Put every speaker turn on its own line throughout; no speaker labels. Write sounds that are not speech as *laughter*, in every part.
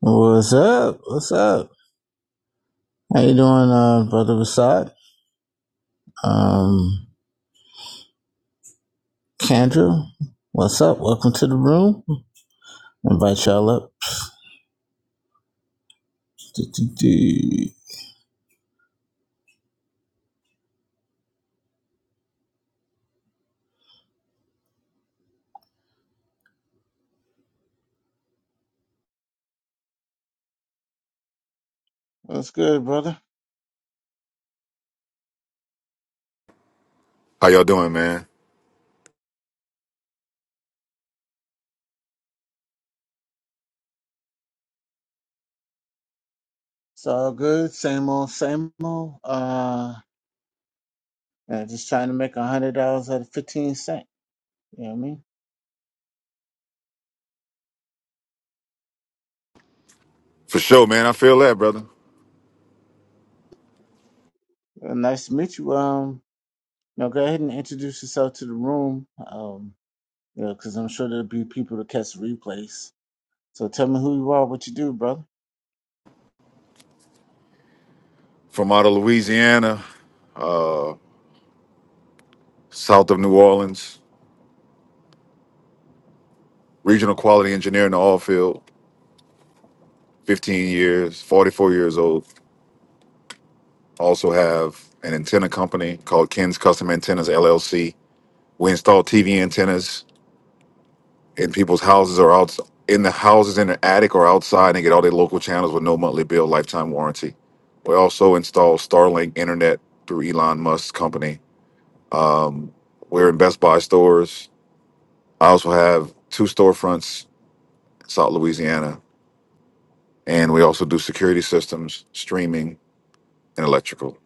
What's up? What's up? How you doing, uh, brother Basad? Um, Kendra, what's up? Welcome to the room. Invite y'all up. do What's good, brother?
How y'all doing, man?
It's all good. Same old, same old. Uh, yeah, just trying to make a hundred dollars out of fifteen cent. You know what I mean?
For sure, man. I feel that, brother.
Well, nice to meet you. Um, now go ahead and introduce yourself to the room. Um, you know, because I'm sure there'll be people to catch the replays. So tell me who you are, what you do, brother.
From out of Louisiana, uh, south of New Orleans, regional quality engineer in the oil field, 15 years, 44 years old. Also have an antenna company called Ken's Custom Antennas LLC. We install TV antennas in people's houses or out in the houses in the attic or outside and get all their local channels with no monthly bill, lifetime warranty. We also install Starlink internet through Elon Musk's company. Um, we're in Best Buy stores I also have two storefronts in South Louisiana, and we also do security systems, streaming, and electrical.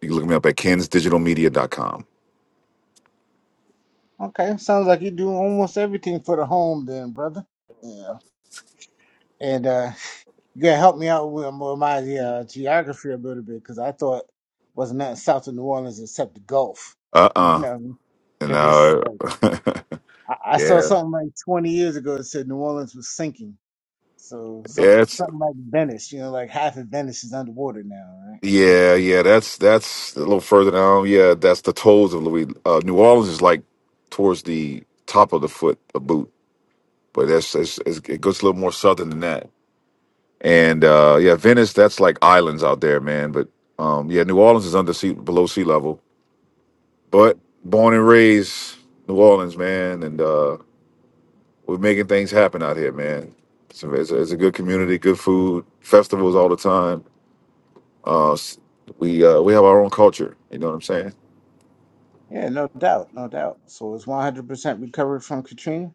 You can look me up at kens digital media dot com.
Okay, sounds like you do almost everything for the home, then, brother. Yeah, and uh, you gotta help me out with, with my uh, geography a little bit because I thought wasn't nothing south of New Orleans except the Gulf. *laughs*
Uh
You
uh
know, because it's
No.
like
*laughs*
I, I saw
yeah.
something like 20 years ago that said New Orleans was sinking. So something
Yeah. It's,
something like Venice, you know, like half of Venice is underwater now, right? Hmm.
yeah. Yeah. That's that's a little further down. Yeah. That's the toes of Louis. Uh, New Orleans is like towards the top of the foot, a boot, but that's it's, it's, it goes a little more southern than that. And uh, yeah, Venice, that's like islands out there, man. But um, yeah, New Orleans is under sea, below sea level But born and raised New Orleans, man, and uh, we're making things happen out here, man. It's a, it's a, it's a good community, good food, festivals all the time. Uh, s- we uh, we have our own culture. You know what I'm saying?
Yeah, no doubt, no doubt. So it's 100% recovered from Katrina.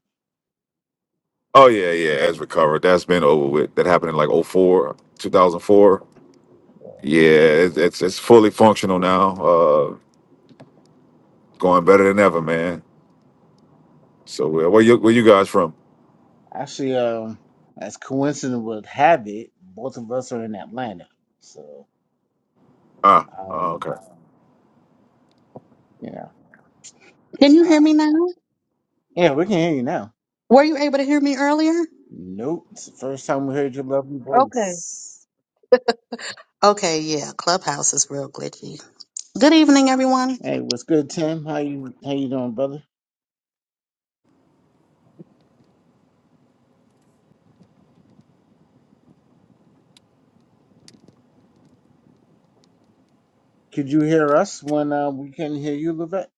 Oh yeah, yeah. As recovered, that's been over with. That happened in like oh 04, 2004. Yeah, it's it's, it's fully functional now. Uh, going better than ever, man. So uh, where you where you guys from?
Actually, um, as coincidence would have it, both of us are in Atlanta. So,
Ah, oh,
um,
okay.
you know,
Can you hear
uh,
me now?
yeah, we can hear you now.
Were you able to hear me earlier?
Nope, it's the first time we heard your lovely
Okay.
voice.
Okay, yeah, Clubhouse is real glitchy. Good evening, everyone.
Hey, what's good, Tim? How you how you doing, brother? Could you hear us when uh, we couldn't hear you, Levette?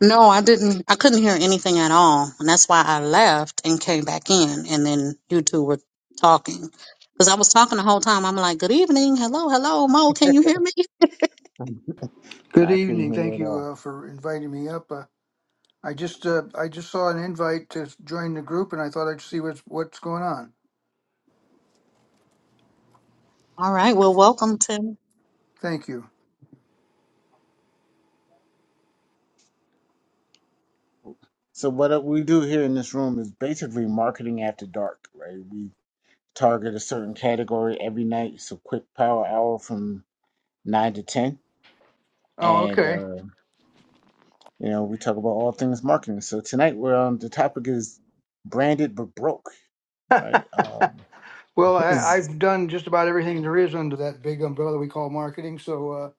No, I didn't. I couldn't hear anything at all, and that's why I left and came back in, and then you two were talking. Because I was talking the whole time. I'm like, good evening, hello, hello, Mo, can you hear me?
No,
Good
I couldn't
evening.
hear you
Thank
at
you
all.
uh, for inviting me up. Uh, I just uh, I just saw an invite to join the group, and I thought I'd see what's what's going on.
All right, well, welcome to. *laughs*
Thank you.
So what we do here in this room is basically marketing after dark, right? We target a certain category every night. So quick power hour from nine to ten,
Oh,
and
okay.
uh, you know we talk about all things marketing. So tonight we're on the topic is branded but broke,
*laughs*
right? Um,
well,
*laughs*
I,
is
I've done just about everything there is under that big umbrella we call marketing. So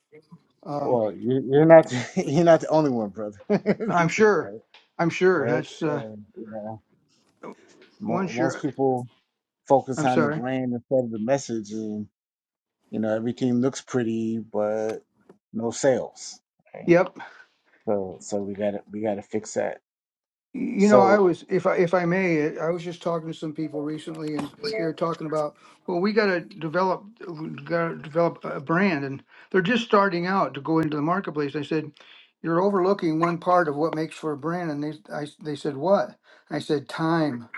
uh, um,
well, you- you're not *laughs* you're not the only one, brother. *laughs* right,
I'm sure. I'm sure
right.
that's uh,
Um, you know, mo-
once
most
you're.
people focus
I'm
on the
sorry.
brand instead of the message, and you know everything looks pretty, but no sales. Right.
Yep.
So so we got to we got to fix that.
You know, I
So,
was, if I if I may, I was just talking to some people recently, and they were talking about, well, we got to develop, we got to develop a brand, and they're just starting out to go into the marketplace. I said, you're overlooking one part of what makes for a brand, and they, I, they said, what? I said, time.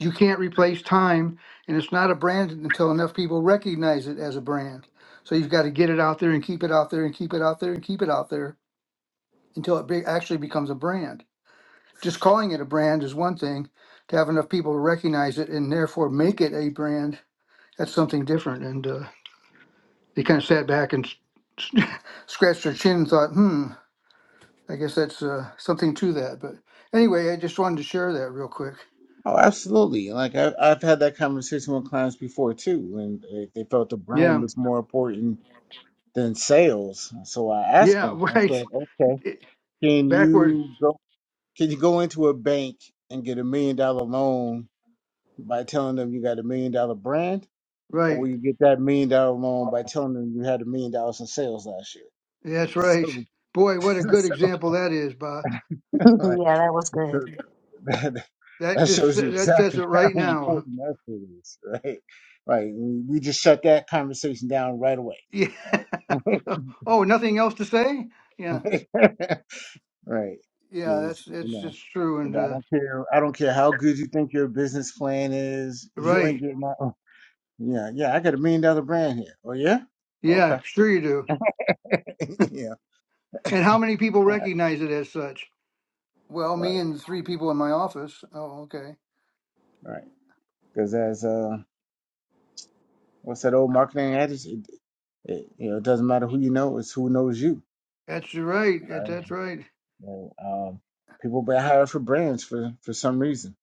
You can't replace time, and it's not a brand until enough people recognize it as a brand. So you've got to get it out there and keep it out there and keep it out there and keep it out there until it be, actually becomes a brand just calling it a brand is one thing. To have enough people to recognize it and therefore make it a brand, that's something different. And uh, they kind of sat back and *laughs* scratched their chin and thought, hmm, I guess that's uh, something to that. But anyway, I just wanted to share that real quick.
oh, absolutely. Like I, have I've had that conversation with clients before too, and they, they felt the brand
Yeah,
was more important than sales. So I asked
yeah, *laughs*
them, I said,
right.
okay,
It-
can
Backward,
you go? Can you go into a bank and get a million dollar loan by telling them you got a million dollar brand, or
right.
will you get that million dollar loan by telling them you had a million dollars in sales last year?
That's right.
*laughs*
Boy, what a good
So,
example that is, Bob.
yeah, that was
*laughs*
good.
*laughs* that
That
that
just
shows you
that says
exactly
it right
*laughs* how
now.
important that shit is, right? Like we we just shut that conversation down right away,
*laughs* Yeah.
right?
*laughs* Oh, nothing else to say? Yeah.
*laughs* right,
Yeah,
because
that's
you
that's
know,
that's true
and
and
I
uh,
don't care. I don't care how good you think your business plan is. You ain't
right.
getting my. oh, Yeah, yeah. I got a million dollar brand here. Oh yeah,
Yeah,
okay.
sure you do.
*laughs* yeah,
And how many people
all right,
recognize it as such? Well, me
right,
and three people in my office. Oh, okay.
right. Because as uh, what's that old marketing adage? It, it, you know, it doesn't matter who you know; it's who knows you.
That's right. that- That's right.
Right? Um, people been hired for brands for for some reason.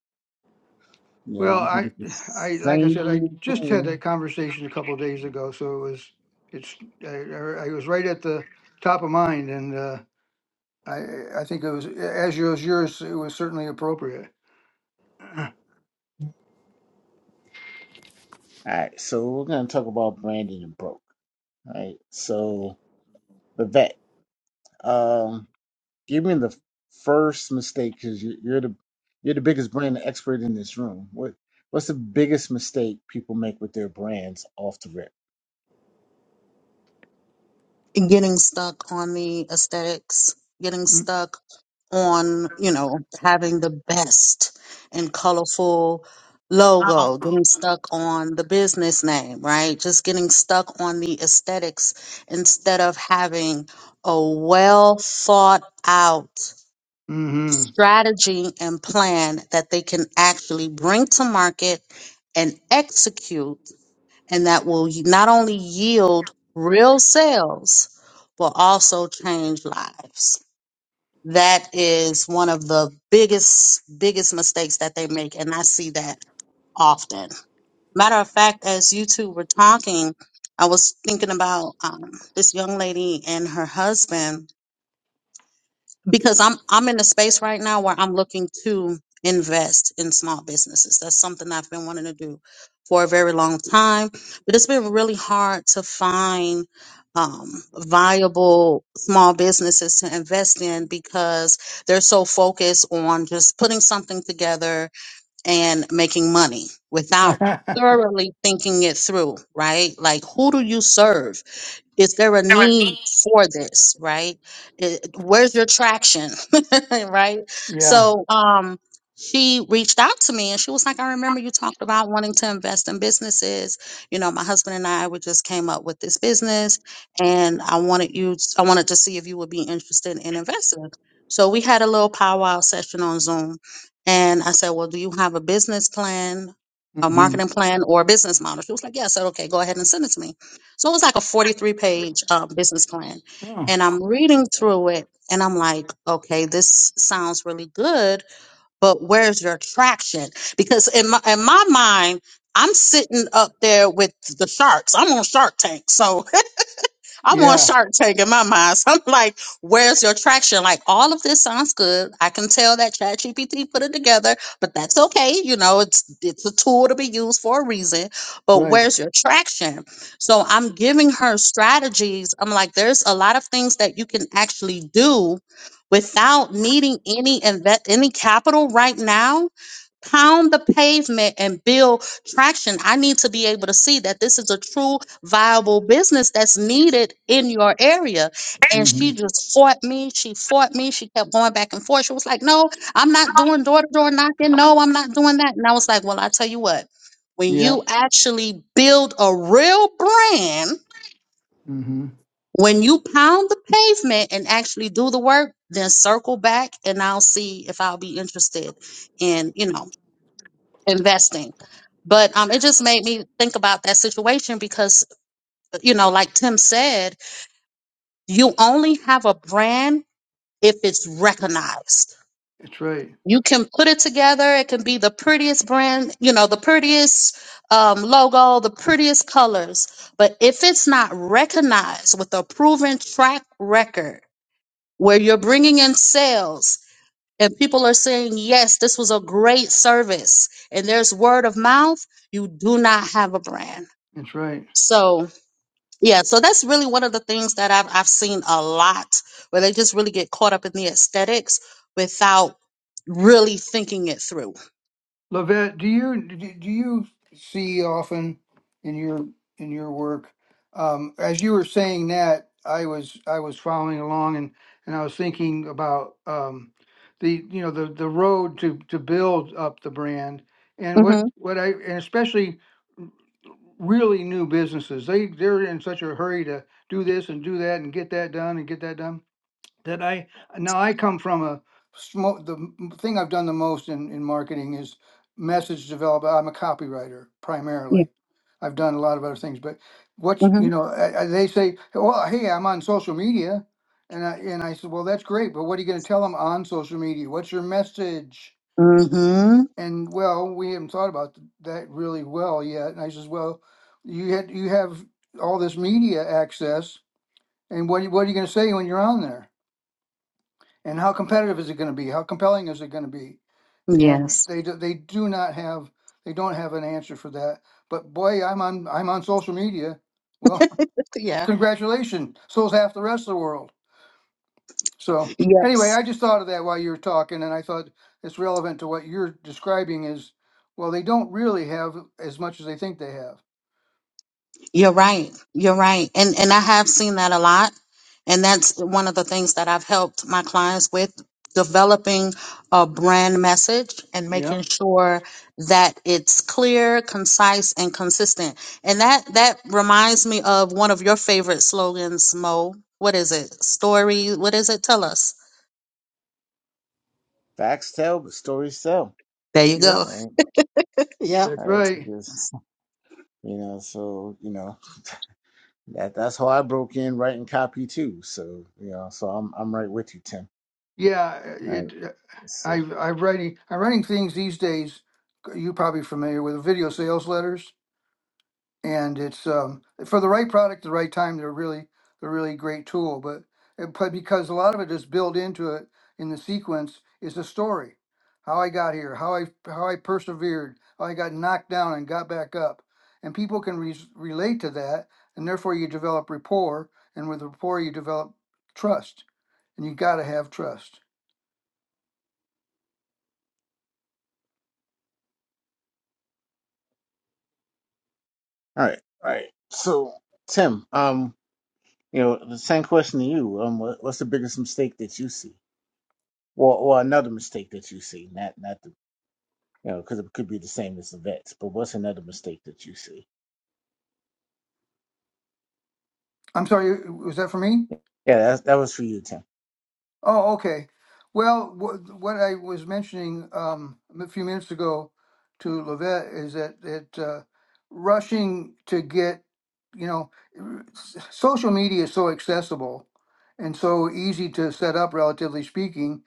You know,
Well,
you can
I,
get the
I like I
same
said, I just had
thing. All
that conversation a couple of days ago, so it was, it's, I, I I was right at the top of mind, and uh, I, I think it was as yours, yours, it was certainly appropriate.
right, so we're gonna talk about branding and broke. All right, so the vet. Um, give me the first mistake because you, you're the you're the biggest brand expert in this room. What what's the biggest mistake people make with their brands off the rip?
getting stuck on the aesthetics, getting
*clears throat*
stuck on, you know, having the best and colorful logo, getting stuck on the business name, right? Just getting stuck on the aesthetics instead of having a well thought out
Mm-hmm.
strategy and plan that they can actually bring to market and execute and that will not only yield real sales, but also change lives. That is one of the biggest, biggest mistakes that they make. And I see that often. Matter of fact, as you two were talking, I was thinking about um, this young lady and her husband because I'm I'm in a space right now where I'm looking to invest in small businesses. That's something I've been wanting to do for a very long time, but it's been really hard to find um, viable small businesses to invest in because they're so focused on just putting something together and making money
*laughs*
without thoroughly thinking it through, right? Like, who do you serve? is there a need for this right It- where's your traction *laughs* right
yeah.
so um she reached out to me and she was like i remember you talked about wanting to invest in businesses you know my husband and i we just came up with this business and i wanted you i wanted to see if you would be interested in investing so we had a little powwow session on zoom and i said well do you have a business plan a
Mm-hmm.
marketing plan or a business model she was like yeah i said okay go ahead and send it to me so it was like a 43 page um, business plan.
Oh,
And I'm reading through it and I'm like, okay, this sounds really good, but where's your traction? Because in my, in my mind, I'm sitting up there with the sharks. I'm on Shark Tank. So I'm on
yeah.
Shark Tank in my mind. *laughs* So I'm like, where's your traction? Like, all of this sounds good. I can tell that ChatGPT put it together, but that's okay. You know, it's it's a tool to be used for a reason. But
Right.
where's your traction? So I'm giving her strategies. I'm like, there's a lot of things that you can actually do without needing any invest any capital right now pound the pavement and build traction, I need to be able to see that this is a true viable business that's needed in your area. And
hmm
she just fought me. She fought me. She kept going back and forth. She was like, No, I'm not doing door to door knocking. No, I'm not doing that. And I was like, Well, I tell you what, when
Yeah.
you actually build a real brand,
hmm
when you pound the pavement and actually do the work, then circle back and I'll see if I'll be interested in, you know, investing. But um, it just made me think about that situation because, you know, like Tim said, you only have a brand if it's recognized.
That's right.
You can put it together. It can be the prettiest brand, you know, the prettiest um, logo, the prettiest colors. But if it's not recognized with a proven track record where you're bringing in sales and people are saying, yes, this was a great service, and there's word of mouth, you do not have a brand.
That's right.
So yeah, so that's really one of the things that I've I've seen a lot where they just really get caught up in the aesthetics without really thinking it through.
Lavette, do you do do you see often in your in your work? Um, as you were saying that, I was I was following along and and I was thinking about um, the you know the the road to to build up the brand and what
Mm-hmm.
what I and especially really new businesses they they're in such a hurry to do this and do that and get that done and get that done that I now I come from a smoke. The m- thing I've done the most in in marketing is message development. I'm a copywriter
Yeah.
primarily. I've done a lot of other things, but what's you
Mm-hmm.
know I, I, they say, well, hey, I'm on social media, and I and I said, well, that's great, but what are you going to tell them on social media? What's your message?
Mm-hmm.
And well, we haven't thought about th- that really well yet. And I says, well, you had you have all this media access, and what are you- what are you going to say when you're on there? and how competitive is it going to be? How compelling is it going to be? And
Yes.
they do, they do not have they don't have an answer for that. But boy, I'm on I'm on social media. Well, *laughs*
Yeah.
congratulations. So's half the rest of the world. So
Yes.
anyway, I just thought of that while you were talking, and I thought it's relevant to what you're describing. Is well, they don't really have as much as they think they have.
You're right. You're right. And and I have seen that a lot. And that's one of the things that I've helped my clients with developing a brand message and making
Yep,
sure that it's clear, concise, and consistent. And that that reminds me of one of your favorite slogans, Mo. What is it? Story, what is it? Tell us.
Facts tell, but stories sell.
There you
yep,
go. *laughs*
Right,
Yeah.
that's
all right,
right.
just you know, so you know. That that's how I broke in writing copy too. So you know, so I'm I'm right with you, Tim.
Yeah,
All
it.
right, so,
I I'm writing I'm writing things these days. You're probably familiar with video sales letters and it's um, for the right product, the right time. They're really they're really great tool, but it- but because a lot of it is built into it in the sequence is a story, how I got here, how I how I persevered, how I got knocked down and got back up, and people can re- relate to that, and therefore you develop rapport, and with rapport you develop trust, and you got to have trust.
all right, all right. So Tim, um, you know, the same question to you. Um, what, what's the biggest mistake that you see, or or another mistake that you see? Not not the you know, because it could be the same as the vets. But what's another mistake that you see?
I'm sorry, was that for me?
Yeah, that that was for you, Tim.
Oh, okay. Well, wh- what I was mentioning um, a few minutes ago to Levette is that that uh, rushing to get, you know, r- s- social media is so accessible and so easy to set up, relatively speaking,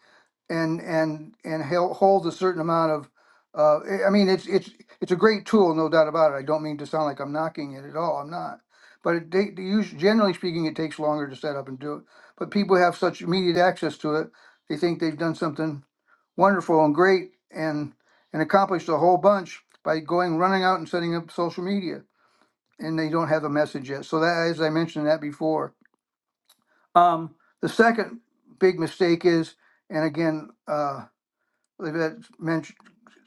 and and and hel- hold a certain amount of uh, I I mean it's it's it's a great tool, no doubt about it. I don't mean to sound like I'm knocking it at all. I'm not. But it they, they use, generally speaking, it takes longer to set up and do it. But people have such immediate access to it, they think they've done something wonderful and great and and accomplished a whole bunch by going running out and setting up social media, and they don't have a message yet. So that, as I mentioned that before, um, the second big mistake is, and again. Uh, well, that mentioned,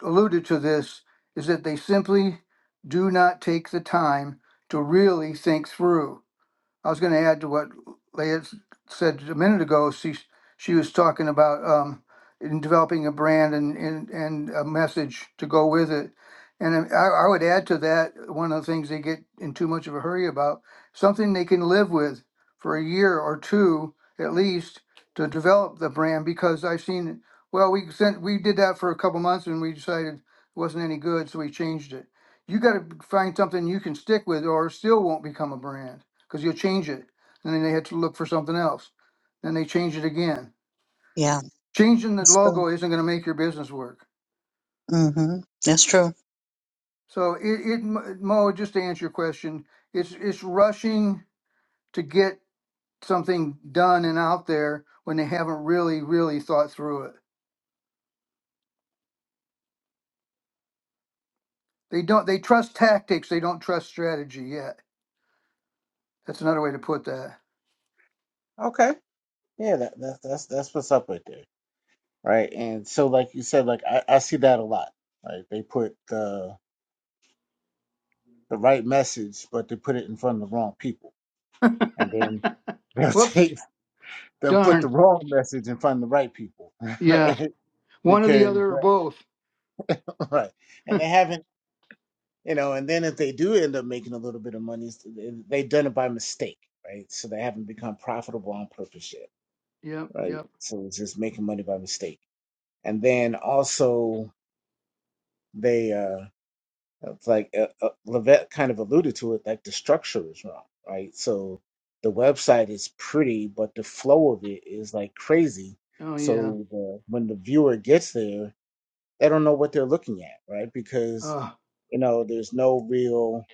alluded to this, is that they simply do not take the time to really think through. I was going to add to what Leah s- said a minute ago. She she was talking about um, in developing a brand and, and and a message to go with it. And I, I would add to that one of the things they get in too much of a hurry about something they can live with for a year or two at least to develop the brand because I've seen well we sent we did that for a couple months and we decided it wasn't any good so we changed it. You got to find something you can stick with or it still won't become a brand because you'll change it. And then they had to look for something else. Then they change it again.
Yeah.
Changing the
That's true.
logo isn't going to make your business work.
Mhm. That's true.
So it, it Mo, just to answer your question, it's it's rushing to get something done and out there when they haven't really really thought through it. They don't they trust tactics, they don't trust strategy yet. That's another way to put
Okay. Yeah, that, that that's that's what's up right there, right? And so, like you said, like I, I see that a lot. Like they put uh the right message, but they put it in front of the wrong people, and then
that. *laughs*
*laughs* they'll
Whoops.
take they'll put the
Darn.
wrong message in front of the right people, *laughs*
Yeah.
right?
One or the
Because
other or both.
right, and they haven't, you know. And then if they do end up making a little bit of money, it's- they- they've done it by mistake, right? So they haven't become profitable on purpose yet,
Yep,
right?
yep.
So it's just making money by mistake, and then also they. uh It's like uh, uh, Levette kind of alluded to it, like the structure is wrong, right? So the website is pretty, but the flow of it is like crazy.
Oh yeah.
So the, when the viewer gets there, they don't know what they're looking at, right? Because
Oh,
you know there's no real,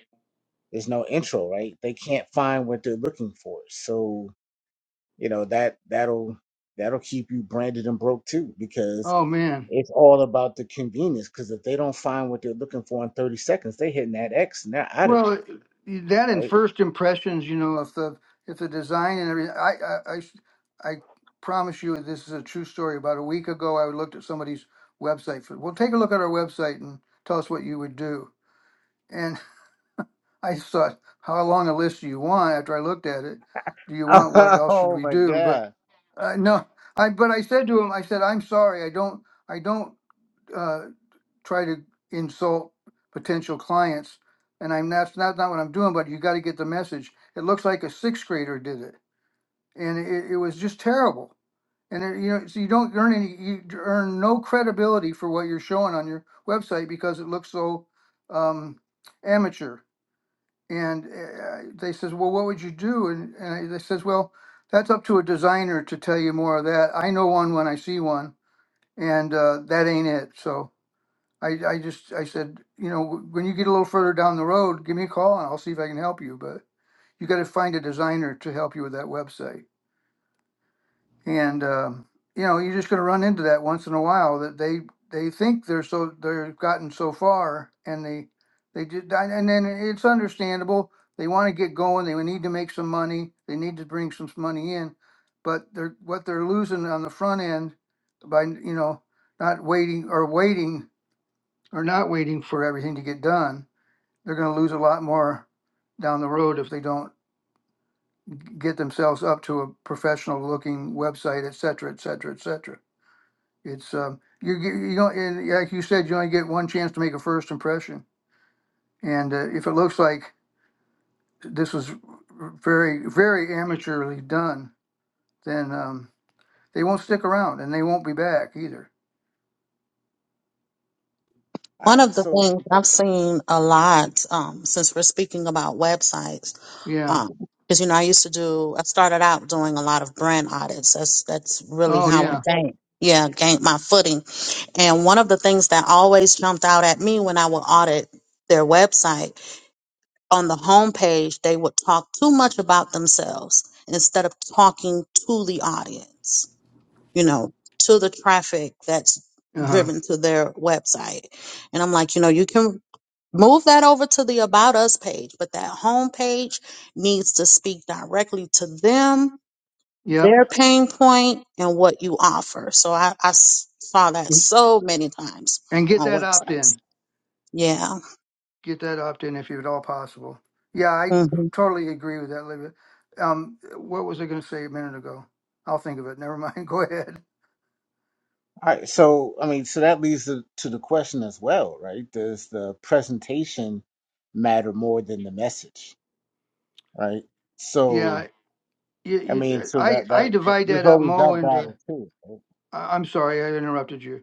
there's no intro, right? They can't find what they're looking for. So you know that that'll that'll keep you branded and broke too, because
oh man.
it's all about the convenience. Because if they don't find what they're looking for in 30 seconds, they hitting that X and they're out of there
Well, that and
right?
first impressions, you know, if the if the design and everything, I I, I s- I promise you, this is a true story. About a week ago, I looked at somebody's website. For, well, take a look at our website and tell us what you would do. And *laughs* I thought, how long a list do you want? After I looked at it, do you
*laughs*
want what else should
oh
we
my
do? But
God.
uh, no, I but I said to him, I said, I'm sorry, I don't, I don't. uh, try to insult potential clients. And I'm that's not, not what I'm doing, but you got to get the message. It looks like a sixth grader did it, and it, it was just terrible. And it, you know, so you don't earn any, you d- earn no credibility for what you're showing on your website because it looks so um, amateur. And uh, they says, well, what would you do? And, and I, they says, well, that's up to a designer to tell you more of that. I know one when I see one, and uh, that ain't it. So I, I just, I said, you know, "Wh- when you get a little further down the road, give me a call and I'll see if I can help you. But you got to find a designer to help you with that website. And, um, you know, you're just going to run into that once in a while that they, they think they're so, they've gotten so far and they, they did, and then it's understandable. They want to get going. They need to make some money. They need to bring some money in, but they're, what they're losing on the front end by, you know, not waiting or waiting are not waiting for everything to get done, they're going to lose a lot more down the road if they don't get themselves up to a professional looking website, et cetera, et cetera, et cetera. It's um, you get- you don't and like you said, you only get one chance to make a first impression, and uh, if it looks like this was very very amateurly done, then um, they won't stick around and they won't be back either.
All
One
right.
of the
So,
things I've seen a lot um, since we're speaking about websites,
Yeah.
um, because you know I used to do. I started out doing a lot of brand audits. That's that's really
Oh
how I
yeah.
gained. Yeah, gained my footing. And one of the things that always jumped out at me when I would audit their website on the homepage, they would talk too much about themselves instead of talking to the audience you know, to the traffic that's
Uh huh.
driven to their website. And I'm like, you know, you can move that over to the about us page, but that home page needs to speak directly to them,
Yep.
their pain point, and what you offer. So I, I s- saw that so many times
And get
on
that opt in.
websites. Yeah.
get that opt in if at all possible. Yeah, I
Mm-hmm.
totally agree with that, Olivia. Um, what was I going to say a minute ago? I'll think of it. Never mind. *laughs* Go ahead.
all right. So, I mean, so that leads to, to the question as well, right? Does the presentation matter more than the message, right?
Yeah,
So,
you,
I mean,
you,
so
I
that,
I
that,
divide
there's
that up
always
more
that
into.
battle too. right?
I- I'm sorry, I interrupted you.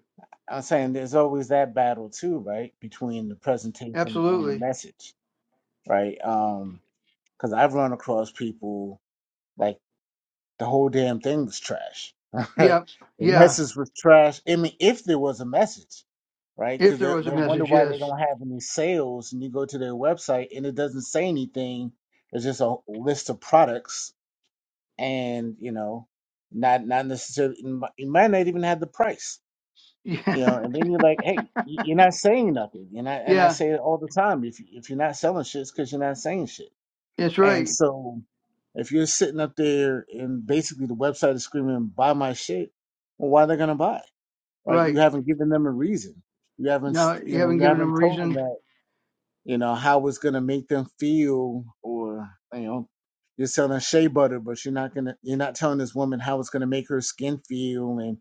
I'm saying there's always that battle too, right? Between the presentation and the
Absolutely.
message, right? Um, cause I've run across people like. The whole damn thing was trash, *laughs* right?
Yep.
The
Yeah.
message was trash. I mean, if there was a message, right?
If
Because
there
they
was a
they'll wonder
message,
why
yes.
they don't have any sales, and you go to their website and it doesn't say anything. It's just a list of products, and you know, not not necessarily. It mi- it might not even have the price,
Yeah.
you know. And then you're like, hey,
*laughs*
y- you're not saying nothing, and I and I
Yeah.
say it all the time. If you- if you're not selling shit, it's because you're not saying shit
That's
and
right.
so if you're sitting up there and basically the website is screaming, buy my shit, well, why are they going to buy? Right? You
Right.
haven't given them a reason. You haven't, s-
No, you
you know,
haven't
you
given them
haven't told them
reason.
that you know, how it's gonna make them feel or you know, you're selling shea butter, but you're not gonna you're not telling this woman how it's gonna make her skin feel and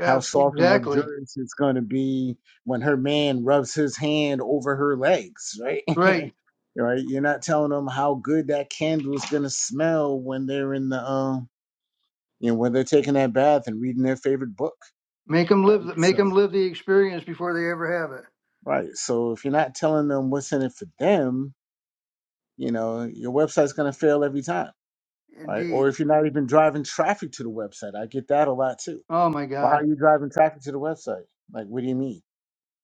how soft and
Exactly.
luxurious it's gonna be when her man rubs his hand over her legs, right?
Right.
*laughs* right? You're not telling them how good that candle is gonna smell when they're in the um you know, when they're taking that bath and reading their favorite book.
Make them live.
Right.
the- Make them
So
live the experience before they ever have it.
right. So if you're not telling them what's in it for them, you know your website's going to fail every time right or
Indeed.
if you're not even driving traffic to the website i get that a lot too
Oh my
well how
God.
are you driving traffic to the website like what do you mean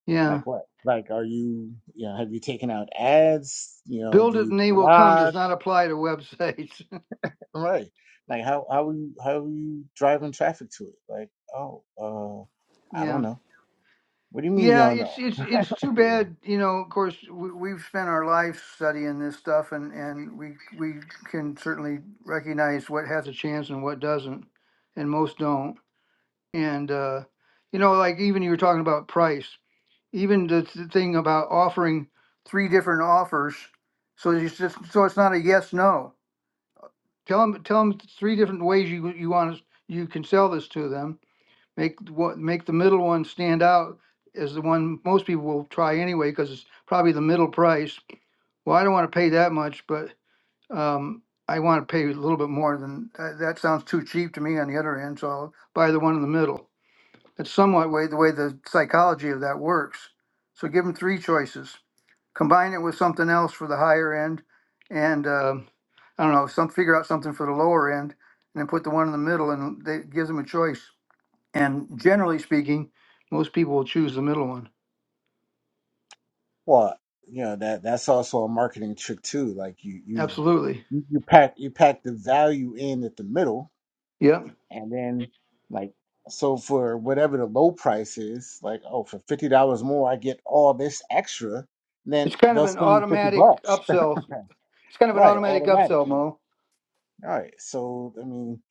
Yeah.
like what like are you you know have you taken out ads you know
Build
do
it
you
and they will come does
blog
not apply to websites.
right like how how are you how are you driving traffic to it like oh
*laughs*
uh i don't
yeah.
know what do you mean you
Yeah,
don't
it's it's it's too
know *laughs*
bad, you know. Of course, we, we've spent our lives studying this stuff, and and we we can certainly recognize what has a chance and what doesn't, and most don't. And uh, you know, like even you were talking about price, even the th- thing about offering three different offers, so it's just so it's not a yes no Tell them, tell them three different ways you, you want us, you can sell this to them. Make what, make the middle one stand out as the one most people will try anyway, because it's probably the middle price. Well, I don't want to pay that much, but, um, I want to pay a little bit more than, that, that sounds too cheap to me on the other end, so I'll buy the one in the middle. That's somewhat way, the way the psychology of that works. So give them three choices combine it with something else for the higher end and um, I don't know, some figure out something for the lower end and then put the one in the middle and they it gives them a choice. And generally speaking, most people will choose the middle one.
Well, you know that that's also a marketing trick too. Like you you
Absolutely.
you you pack you pack the value in at the middle,
Yep.
and then like so for whatever the low price is, like oh for fifty dollars more I get all this extra. Then
It's kind of
they'll
an
spend the fifty
automatic
bucks,
upsell. It's kind
*laughs*
of an
right?
automatic
Automatic.
upsell, Mo.
All right. So I mean,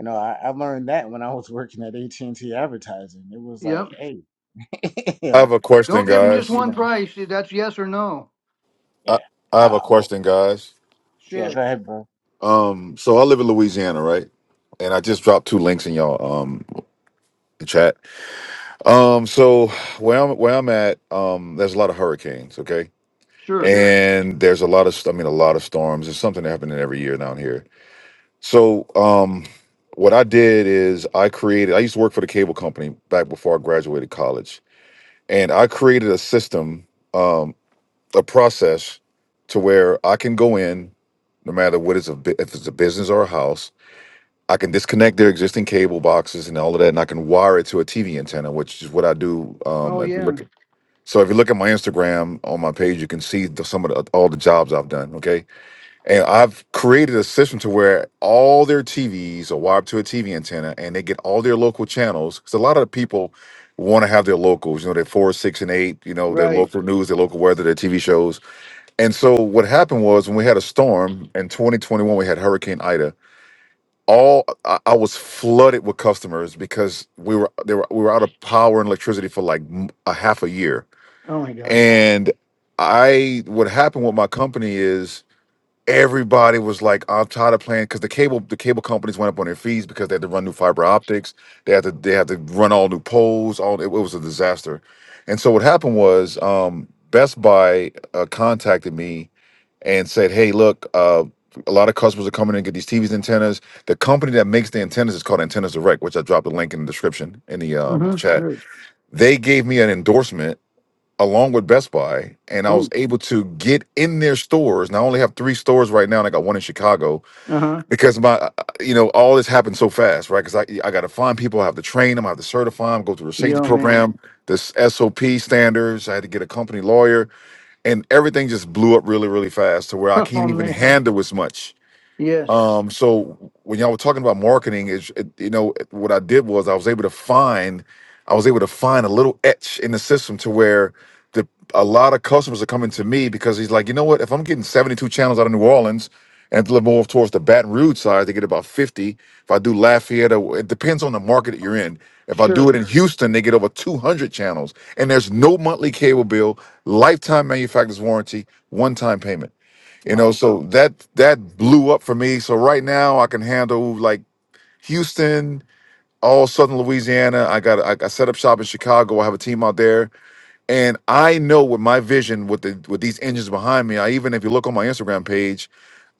you know, I, I learned that when I was *laughs* working at AT and T advertising. It was like,
Yep.
hey, *laughs* you
I have
know,
a question,
Don't give them just
guys.
you
one
know,
price. That's yes or no.
I,
yeah,
I have a
uh, wh-
question, guys.
yeah. Go
Sure.
ahead, bro.
Um, so I live in Louisiana, right? And I just dropped two links in y'all um the chat. Um, so where I'm where I'm at, um, there's a lot of hurricanes, okay?
Sure.
And there's a lot of st- I mean a lot of storms. There's something happening every year down here. So um what I did is I created I used to work for the cable company back before I graduated college. And I created a system, um, a process to where I can go in, no matter what it's a bu- if it's a business or a house, I can disconnect their existing cable boxes and all of that, and I can wire it to a TV antenna, which is what I do. Um,
Oh
if you
yeah.
look, at, so if you look at my Instagram on my page, you can see the, some of the, all the jobs I've done. Okay, and I've created a system to where all their TVs are wired to a TV antenna, and they get all their local channels. Because a lot of people want to have their locals, you know, their four, six, and eight, you know, their
Right.
local news, their local weather, their TV shows. And so what happened was when we had a storm in 2021, we had Hurricane Ida all I, I was flooded with customers because we were they were we were out of power and electricity for like m- a half a year.
Oh my God.
And I what happened with my company is everybody was like, "I'm tired of playing," because the cable the cable companies went up on their fees because they had to run new fiber optics. They had to they had to run all new poles. All it, it was a disaster. And so what happened was um, Best Buy uh, contacted me and said, "Hey, look, uh, a lot of customers are coming in and get these TVs antennas. The company that makes the antennas is called Antennas Direct, which I dropped a link in the description in the um, chat.
Mm-hmm.
They gave me an endorsement." along with Best Buy, and I was
Ooh.
able to get in their stores. And I only have three stores right now, and I got one in Chicago
Uh-huh.
because my, uh, uh, you know, all this happened so fast, right? Because I, I got to find people, I have to train them, I have to certify them, go through the safety
Yo man.
program,
*laughs*
this SOP standards. I had to get a company lawyer, and everything just blew up really, really fast to where I
Oh
can't even
man.
handle as much
Yes.
um, so when y'all were talking about marketing, is it, you know what I did was I was able to find, I was able to find a little etch in the system to where the a lot of customers are coming to me because he's like, you know what, if I'm getting 72 channels out of New Orleans and deliver more towards the Baton Rouge side, they get about 50. If I do Lafayette, or- it depends on the market that you're in. If I do
Sure.
it in Houston, they get over 200 channels, and there's no monthly cable bill, lifetime manufacturer's warranty, one-time payment. You know,
Wow.
so that that blew up for me. So right now I can handle like Houston, all southern Louisiana. I got I, I set up shop in Chicago. I have a team out there, and I know with my vision with the with these engines behind me. I even if you look on my Instagram page,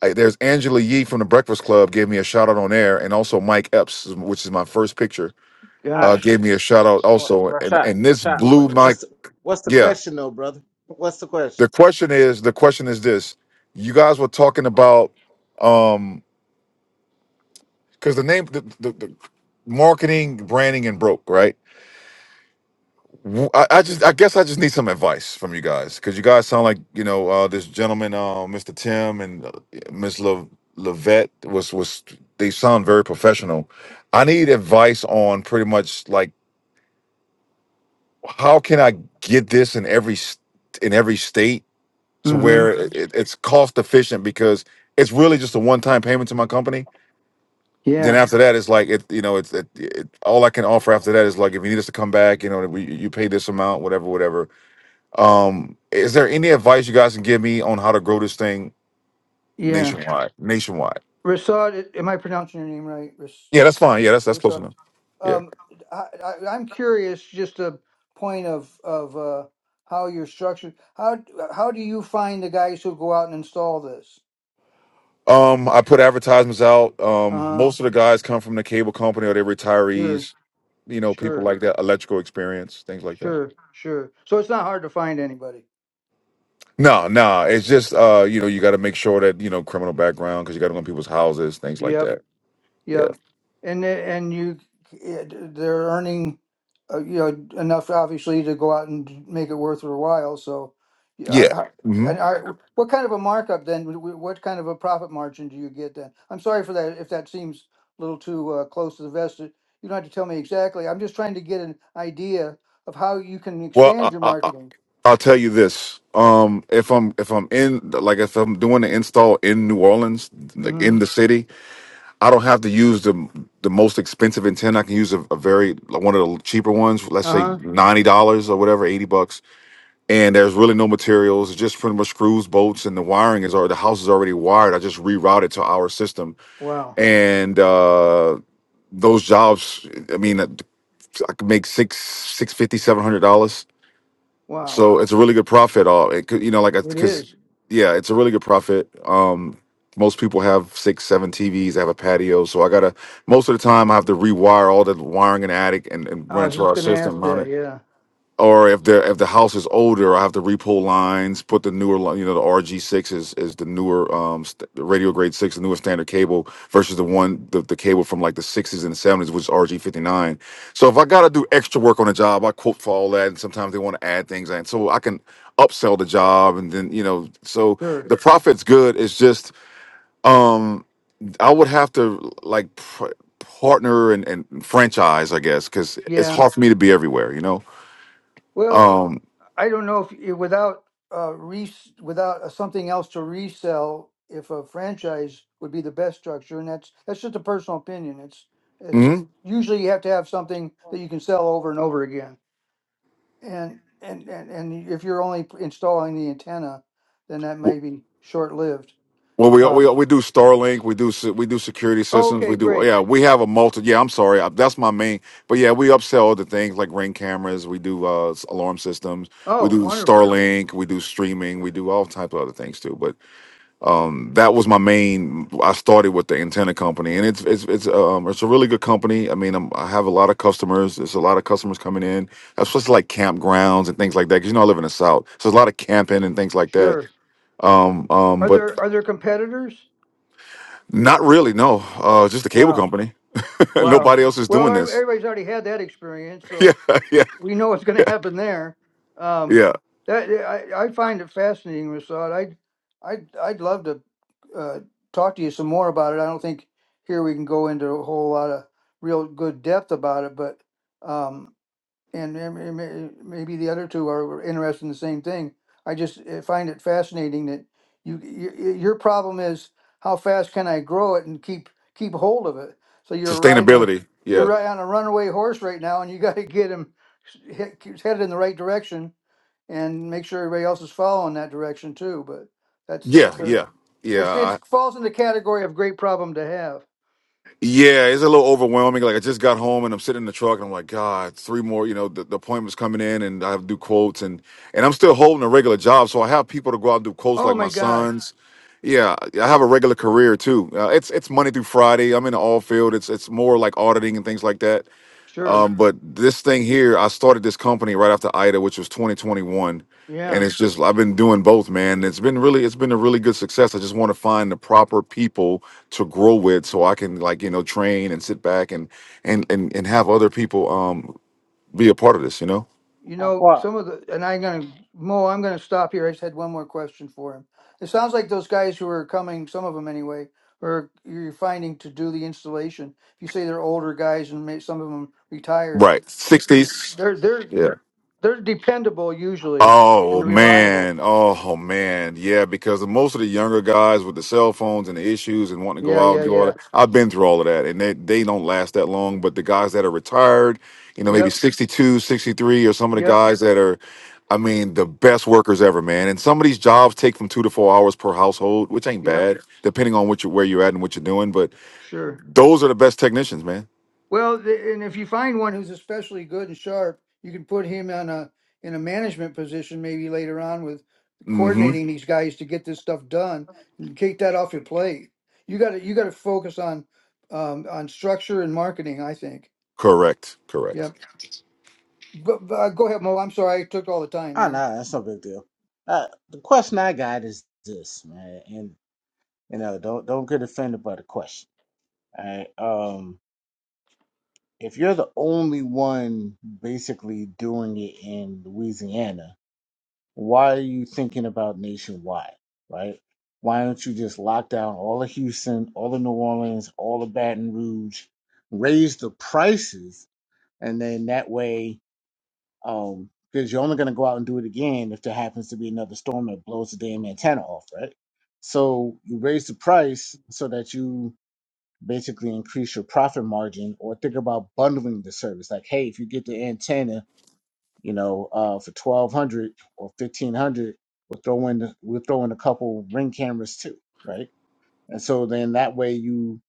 I, there's Angela Yee from the Breakfast Club gave me a shout out on air, and also Mike Epps, which is my first picture, uh,
Gosh.
gave me a shout out
Well,
also, and
Rashad,
and this
Rashad,
blew
what,
my
what's the, what's the
yeah.
question though, brother? What's the question?
The question is the question is this: You guys were talking about. um because the name the, the, the marketing branding and broke right W- I, I just i guess i just need some advice from you guys because you guys sound like you know uh this gentleman uh mr tim and uh, miss Le, levette was was they sound very professional i need advice on pretty much like how can i get this in every s- in every state to
hmm
where it, it's cost efficient because it's really just a one-time payment to my company then
Yeah.
after that, it's like it, you know, it's it, it, all I can offer after that is like if you need us to come back, you know, we, you pay this amount, whatever, whatever. Um, is there any advice you guys can give me on how to grow this thing
Yeah.
nationwide? Nationwide,
Rasad, am I pronouncing your name right? Ras-
yeah, that's fine. Yeah, that's that's close
Rasad.
enough. Yeah.
Um, I, I, I'm curious, just a point of of uh, how you're structured. How how do you find the guys who go out and install this?
Um, I put advertisements out.
Uh
Um,
huh.
most of the guys come from the cable company or they're
Sure.
retirees. You know, people
Sure.
like that, electrical experience, things like that.
Sure. Sure. So it's not hard to find anybody.
No, no, it's just uh, you know, you got to make sure that you know criminal background because you got to go in people's houses, things like
Yep.
that. Yeah,
Yep. And it- and you it, they're earning uh, you know enough obviously to go out and make it worth their while. So yeah,
yeah.
I, I,
Mm-hmm.
and I, what kind of a markup then? w- w- What kind of a profit margin do you get then? I'm sorry for that if that seems a little too uh, close to the vest. You don't have to tell me exactly. I'm just trying to get an idea of how you can
Well, I,
expand your
I, I-
marketing.
I'll tell you this. Um, if I'm if I'm in like if I'm doing the install in New Orleans, like
Mm-hmm.
in the city, I don't have to use the the most expensive antenna. I can use a, a very like one of the cheaper ones. Let's say
Uh-huh.
ninety dollars or whatever, eighty bucks. And there's really no materials, it's just pretty much screws, bolts, and the wiring is already the house is already wired. I just reroute it to our system,
Wow.
and uh, those jobs. I mean, I could make six six fifty seven hundred dollars
Wow.
so it's a really good profit. All it could, you know, like
It
because
is.
yeah, it's a really good profit. Um, most people have six, seven TVs. They have a patio, so I gotta most of the time I have to rewire all the wiring in the attic and, and
I
run it
was
to
just
our
going to ask
system, mount
that.
it
Yeah.
or if the if the house is older, I have to repull lines, put the newer, li- you know, the RG six is is the newer um st- radio grade six, the newer standard cable versus the one the, the cable from like the sixties and seventies, which is RG fifty nine. So if I got to do extra work on a job, I quote for all that, and sometimes they want to add things, and so I can upsell the job, and then you know, so
Sure.
the profit's good. It's just um I would have to like pr- partner and, and franchise, I guess, because
Yeah.
it's hard for me to be everywhere, you know.
Well,
Um.
I don't know if you- without uh, res- without uh, something else to resell, if a franchise would be the best structure, and that's that's just a personal opinion. It's it's
mm-hmm.
usually you have to have something that you can sell over and over again, and and and, and if you're only p- installing the antenna, then that may be short lived.
Well, we we
Um,
we do Starlink, we do se- we do security systems, we
okay,
do
great.
yeah, we have a multi. Yeah, I'm sorry, I- that's my main. But yeah, we upsell other things like ring cameras. We do uh, s- alarm systems. We
Oh,
do
wonderful.
Starlink. We do streaming. We do all types of other things too. But um, that was my main. I started with the antenna company, and it's it's it's um it's a really good company. I mean, I'm, I have a lot of customers. There's a lot of customers coming in, especially like campgrounds and things like that. Because you know I live in the south, so there's a lot of camping and things like that.
Sure.
Um, um,
Are
but
there are there competitors?
Not really, no. Uh, just the cable
Wow.
company. *laughs*
Wow.
Nobody else is
Well,
doing this. *laughs*
everybody's already had that experience,
Yeah,
so
yeah,
we know what's going to happen there. Um,
yeah.
that eh, I, I find it fascinating, Rasad. I'd I'd I'd love to uh, talk to you some more about it. I don't think here we can go into a whole lot of real good depth about it, but um, and then may- may- maybe the other two are were interested in the same thing. I just uh, find it fascinating that you, your, your problem is how fast can I grow it and keep, keep hold of it? So you're riding a,
Sustainability.
you're
Yeah,
ri- on a runaway horse right now and you *laughs* gotta get him s- he- he's headed in the right direction and make sure everybody else is following that direction too, but that's,
yeah,
that's a,
yeah, yeah.
it's, it's
I,
falls in the category of great problem to have.
yeah, it's a little overwhelming. Like I just got home and I'm sitting in the truck and I'm like, God, three more. You know, the, the appointments coming in and I have to do quotes and and I'm still holding a regular job, so I have people to go out and do quotes
Oh
like my
my God,
sons. Yeah, I have a regular career too. Uh, it's it's Monday through Friday. I'm in the all field. It's it's more like auditing and things like that
sure,
Um, but this thing here, I started this company right after Ida, which was 2021,
yeah.
and it's just I've been doing both, man. It's been really, it's been a really good success. I just want to find the proper people to grow with, so I can like you know train and sit back and and and and have other people um be a part of this, you know?
You
Uh,
know,
well,
some of the, and I'm gonna, Mo, I'm gonna stop here. I just had one more question for him. It sounds like those guys who are coming, some of them anyway, or you're finding to do the installation. If you say they're older guys and may, some of them retired,
Right,
th-
60s,
they're they're
yeah.
they're dependable usually
Oh
and reliable.
man, oh man, yeah. Because most of the younger guys with the cell phones and the issues and wanting to go
Yeah,
out and
yeah,
do all
yeah.
that, I've been through all of that, and they they don't last that long. But the guys that are retired, you know, maybe
Yep,
62, 63, or some of the
yep,
guys that are, I mean, the best workers ever, man. And some of these jobs take from two to four hours per household, which ain't
yep.
bad, depending on what you where you're at and what you're doing. But
Sure.
those are the best technicians, man.
Well, th- and if you find one who's especially good and sharp, you can put him on a in a management position maybe later on with
Mm-hmm.
coordinating these guys to get this stuff done and take that off your plate. You got to you got to focus on um, on structure and marketing. I think.
Correct. Correct.
Yep. Go, uh, go ahead, Mo. I'm sorry I took all the time
I
there.
know that's no big deal. Uh, the question I got is this, man, and you know, don't don't get offended by the question. All right, um, if you're the only one basically doing it in Louisiana, why are you thinking about nationwide, right? Why don't you just lock down all of Houston, all of New Orleans, all of Baton Rouge, raise the prices? and then that way, um, because you're only going to go out and do it again if there happens to be another storm that blows the damn antenna off, right? So you raise the price so that you basically increase your profit margin, or think about bundling the service. Like, hey, if you get the antenna, you know, uh, for twelve hundred or fifteen hundred, we'll throw in the, we'll throw in a couple ring cameras too, right? And so then that way you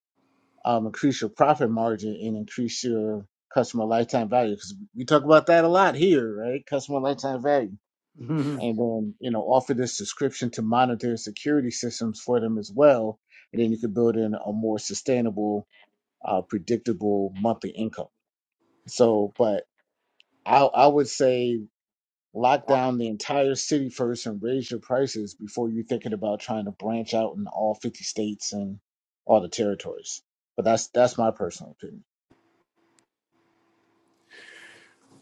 um, increase your profit margin and increase your customer lifetime value. Because we talk about that a lot here, right? Customer lifetime value.
Mm-hmm.
And then, you know, offer this subscription to monitor security systems for them as well. And then you could build in a more sustainable, uh, predictable monthly income. So, but I, I would say lock down the entire city first and raise your prices before you're thinking about trying to branch out in all 50 states and all the territories. But that's that's my personal opinion.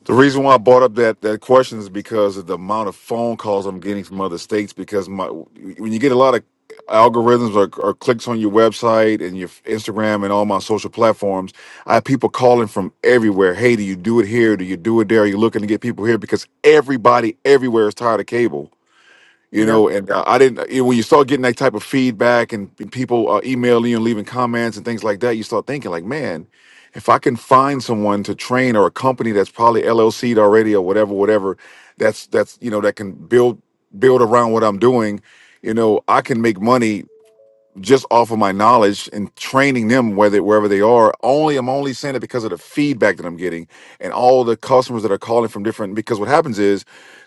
The reason why I brought up that that question is because of the amount of phone calls I'm getting from other states. Because my when you get a lot of algorithms or, or clicks on your website and your Instagram and all my social platforms, I have people calling from everywhere. Hey, do you do it here? Do you do it there? Are you looking to get people here? Because everybody everywhere is tired of cable you
Yep.
know and uh, i didn't uh, you know, when you start getting that type of feedback and, and people uh, emailing you and leaving comments and things like that you start thinking like man if i can find someone to train or a company that's probably llc'd already or whatever whatever that's that's you know that can build build around what i'm doing you know i can make money just off of my knowledge and training them whether wherever they are only i'm only saying it because of the feedback that i'm getting and all the customers that are calling from different because what happens is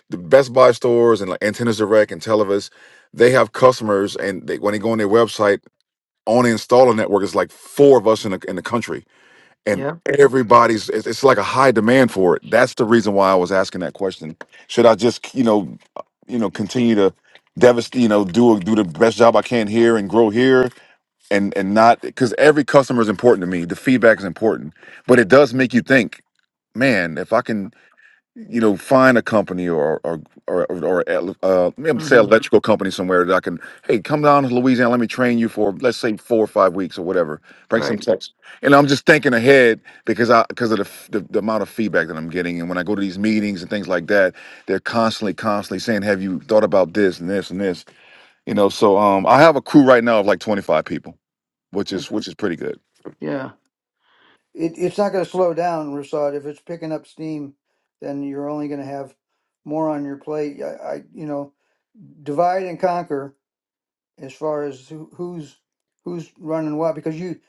the best buy stores and like antennas direct and televis they have customers and they when they go on their website on the installer network is like four of us in the, in the country and
Yep.
everybody's it's, it's like a high demand for it that's the reason why i was asking that question should i just you know you know continue to devastate you know do do the best job i can here and grow here and and not because every customer is important to me the feedback is important but it does make you think man if i can you know find a company or or or, or uh, maybe say
Mm-hmm.
electrical company somewhere that i can hey come down to louisiana let me train you for let's say four or five weeks or whatever bring some
Right.
tips and i'm just thinking ahead because i because of the, f- the the amount of feedback that i'm getting and when i go to these meetings and things like that they're constantly constantly saying have you thought about this and this and this you know so um i have a crew right now of like 25 people which
Uh,
is which is pretty good.
yeah. It, it's not going to slow down, Rasad. If it's picking up steam, then you're only going to have more on your plate. I, I you know. divide and conquer as far as who, who's who's running what because you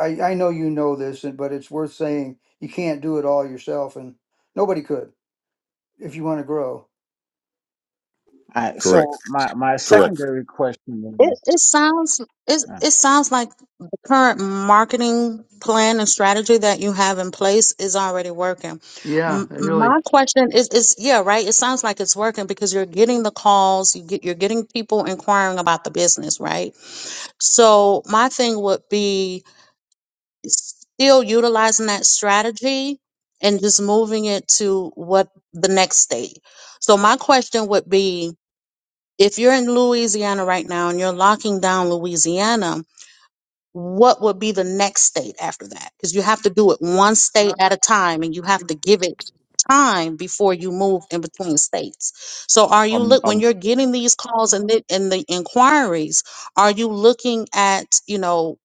I, I know you know this and- but it's worth saying you can't do it all yourself and nobody could if you want to grow
All right.
Correct.
So my my
Correct.
secondary question
It
is,
it sounds it
uh,
it sounds like the current marketing plan and strategy that you have in place is already working.
Yeah,
M-
I
my
really.
question is is yeah, right? It sounds like it's working because you're getting the calls, you get you're getting people inquiring about the business, right? So my thing would be still utilizing that strategy and just moving it to what the next state. So my question would be if you're in Louisiana right now and you're locking down Louisiana, what would be the next state after that? Because you have to do it one state at a time and you have to give it time before you move in between states. So are you
I'm.
look
I'm.
when you're getting these calls and the, and the inquiries, are you looking at, you know,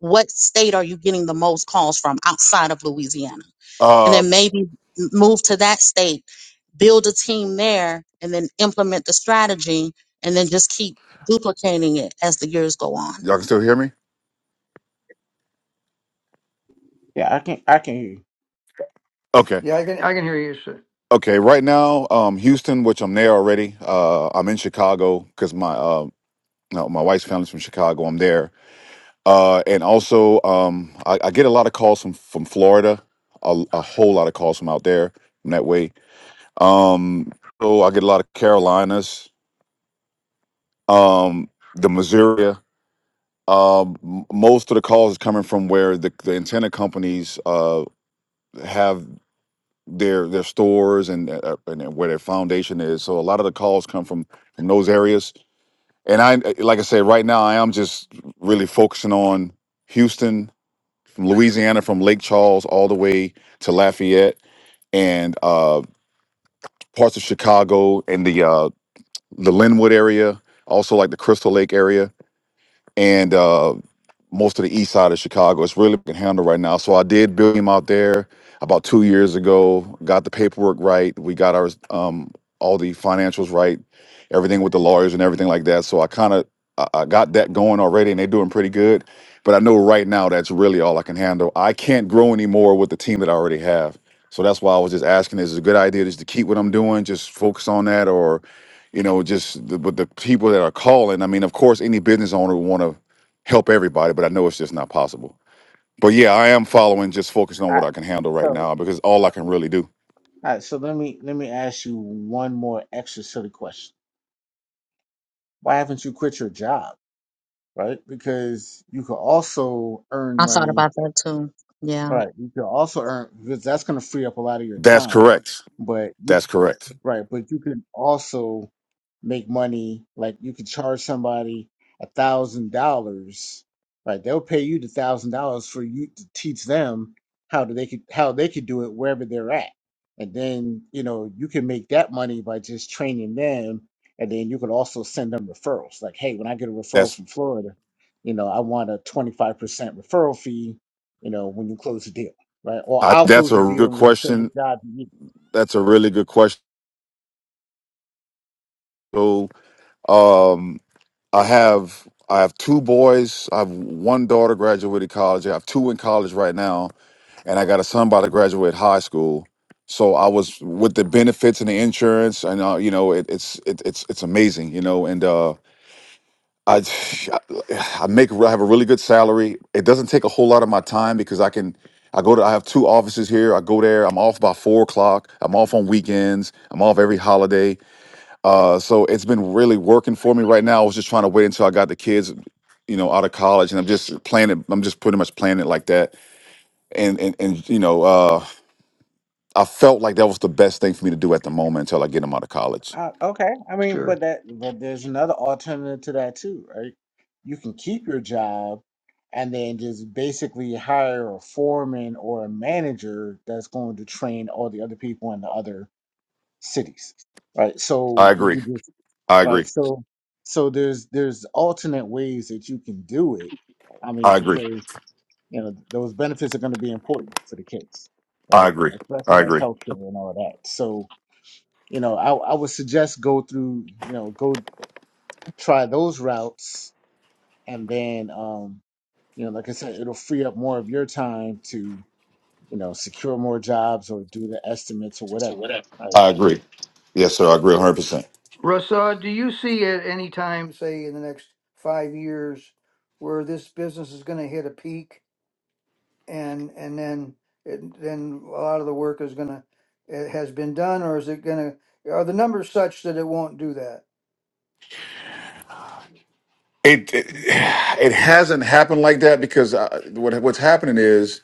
what state are you getting the most calls from outside of Louisiana? and
uh,
then maybe move to that state, build a team there, and then implement the strategy, and then just keep duplicating it as the years go on.
y'all can still hear me?
yeah, I can I can hear you.
Okay,
yeah i can i can hear you sir.
okay. Right now, um, Houston, which I'm there already. Uh, I'm in Chicago because my uh, no, my wife's family's from Chicago. I'm there, uh, and also um, I, I get a lot of calls from from Florida, a, a whole lot of calls from out there from that way. Um, so I get a lot of Carolinas, um, the Missouri. Um, m- most of the calls is coming from where the, the antenna companies uh, have their their stores and uh, uh, and where their foundation is. So a lot of the calls come from from those areas. And I uh, like I said, right now I am just really focusing on Houston, from Louisiana, from Lake Charles all the way to Lafayette and uh, parts of Chicago and the uh, the Linwood area, also like the Crystal Lake area. And uh, most of the east side of Chicago. It's really being handled right now. So I did build him out there about two years ago. Got the paperwork right. We got our um, all the financials right, everything with the lawyers and everything like that. So I kind of I, I got that going already, and they're doing pretty good. But I know right now that's really all I can handle. I can't grow anymore with the team that I already have. So that's why I was just asking: Is it a good idea just to keep what I'm doing, just focus on that, or you know, just the, with the people that are calling? I mean, of course, any business owner would want to help everybody, but I know it's just not possible. But yeah, I am following, just focusing on
All
what I
right.
can handle
So
right
all
now because all I can really do.
right. So let me let me ask you one more extra silly question. Why haven't you quit your job? Right? Because you could also earn
I thought
money.
about that too. Yeah.
Right. You could also earn because that's going to free up a lot of your
That's
time.
correct.
But you
That's correct.
right. But you can also make money. Like you could charge somebody a thousand dollars, right? They'll pay you the thousand dollars for you to teach them how do they could how they could do it wherever they're at, and then you know you can make that money by just training them, and then you could also send them referrals. Like, hey, when I get a referral
That's
from Florida, you know I want a twenty five percent referral fee. You know when you close the deal, right? Or
I,
I'll
that's
close the
a
deal
good
and then send the
question.
job to you.
That's a really good question. So, um, I have I have two boys. I have one daughter graduated college. I have two in college right now, and I got a son about to graduate high school. So I was with the benefits and the insurance, and uh, you know, it, it's it, it's it's amazing, you know, and uh, I, I make I have a really good salary. It doesn't take a whole lot of my time because I can I go to I have two offices here. I go there. I'm off by four o'clock. I'm off on weekends. I'm off every holiday. Uh, so it's been really working for me right now. I was just trying to wait until I got the kids, you know, out of college, and I'm just playing it. I'm just pretty much playing it like that. And and and you know, uh, I felt like that was the best thing for me to do at the moment until I get them out of college.
Uh, okay, I mean,
Sure.
but that, but there's another alternative to that too, right? You can keep your job and then just basically hire a foreman or a manager that's going to train all the other people in the other cities, right?
I
So you
agree.
could just,
I
right?
agree.
So, so there's there's alternate ways that you can do it. I
I
mean,
agree.
because you know those benefits are going to be important for the case,
I
right?
agree.
Especially
I
like
agree.
healthcare and all that. So, you know, I, I would suggest go through, you know, go try those routes, and then, um, you know, like I said, it'll free up more of your time to, you know, secure more jobs or do the estimates or whatever. Right.
I agree. Yes, sir. I agree 100%.
Rasa, do you see at any time say in the next five years where this business is going to hit a peak and and then it, then a lot of the work is going to it has been done or is it going to are the numbers such that it won't do that
It it, it hasn't happened like that because uh, what what's happening is,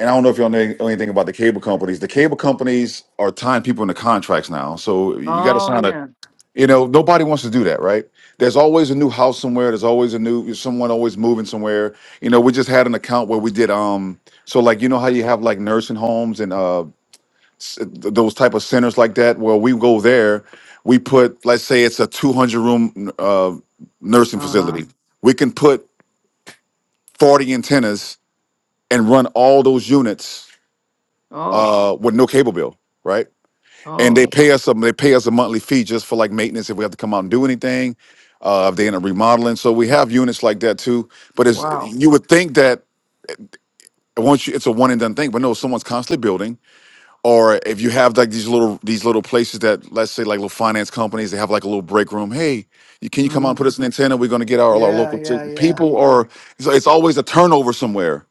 and I don't know if y'all know anything about the cable companies. The cable companies are tying people into contracts now, so you got to
Oh
sign a.
yeah.
You know, nobody wants to do that, right? There's always a new house somewhere. There's always a new someone always moving somewhere. You know, we just had an account where we did um. So like you know how you have like nursing homes and uh s- those type of centers like that where we go there we put let's say it's a 200 room uh, nursing
Uh huh.
facility we can put 40 antennas and run all those units
Oh.
uh, with no cable bill right and they
Oh.
pay us some they pay us a monthly fee just for like maintenance if we have to come out and do anything uh, if they end up remodeling so we have units like that too but it's
Wow.
you would think that once you, it's a one and done thing but no someone's constantly building or if you have like these little these little places that let's say like little finance companies they have like a little break room hey you, can you come out
hmm
and put us an antenna we're going to get our, our
Yeah.
local t-
Yeah. Yeah.
people or so it's always a turnover somewhere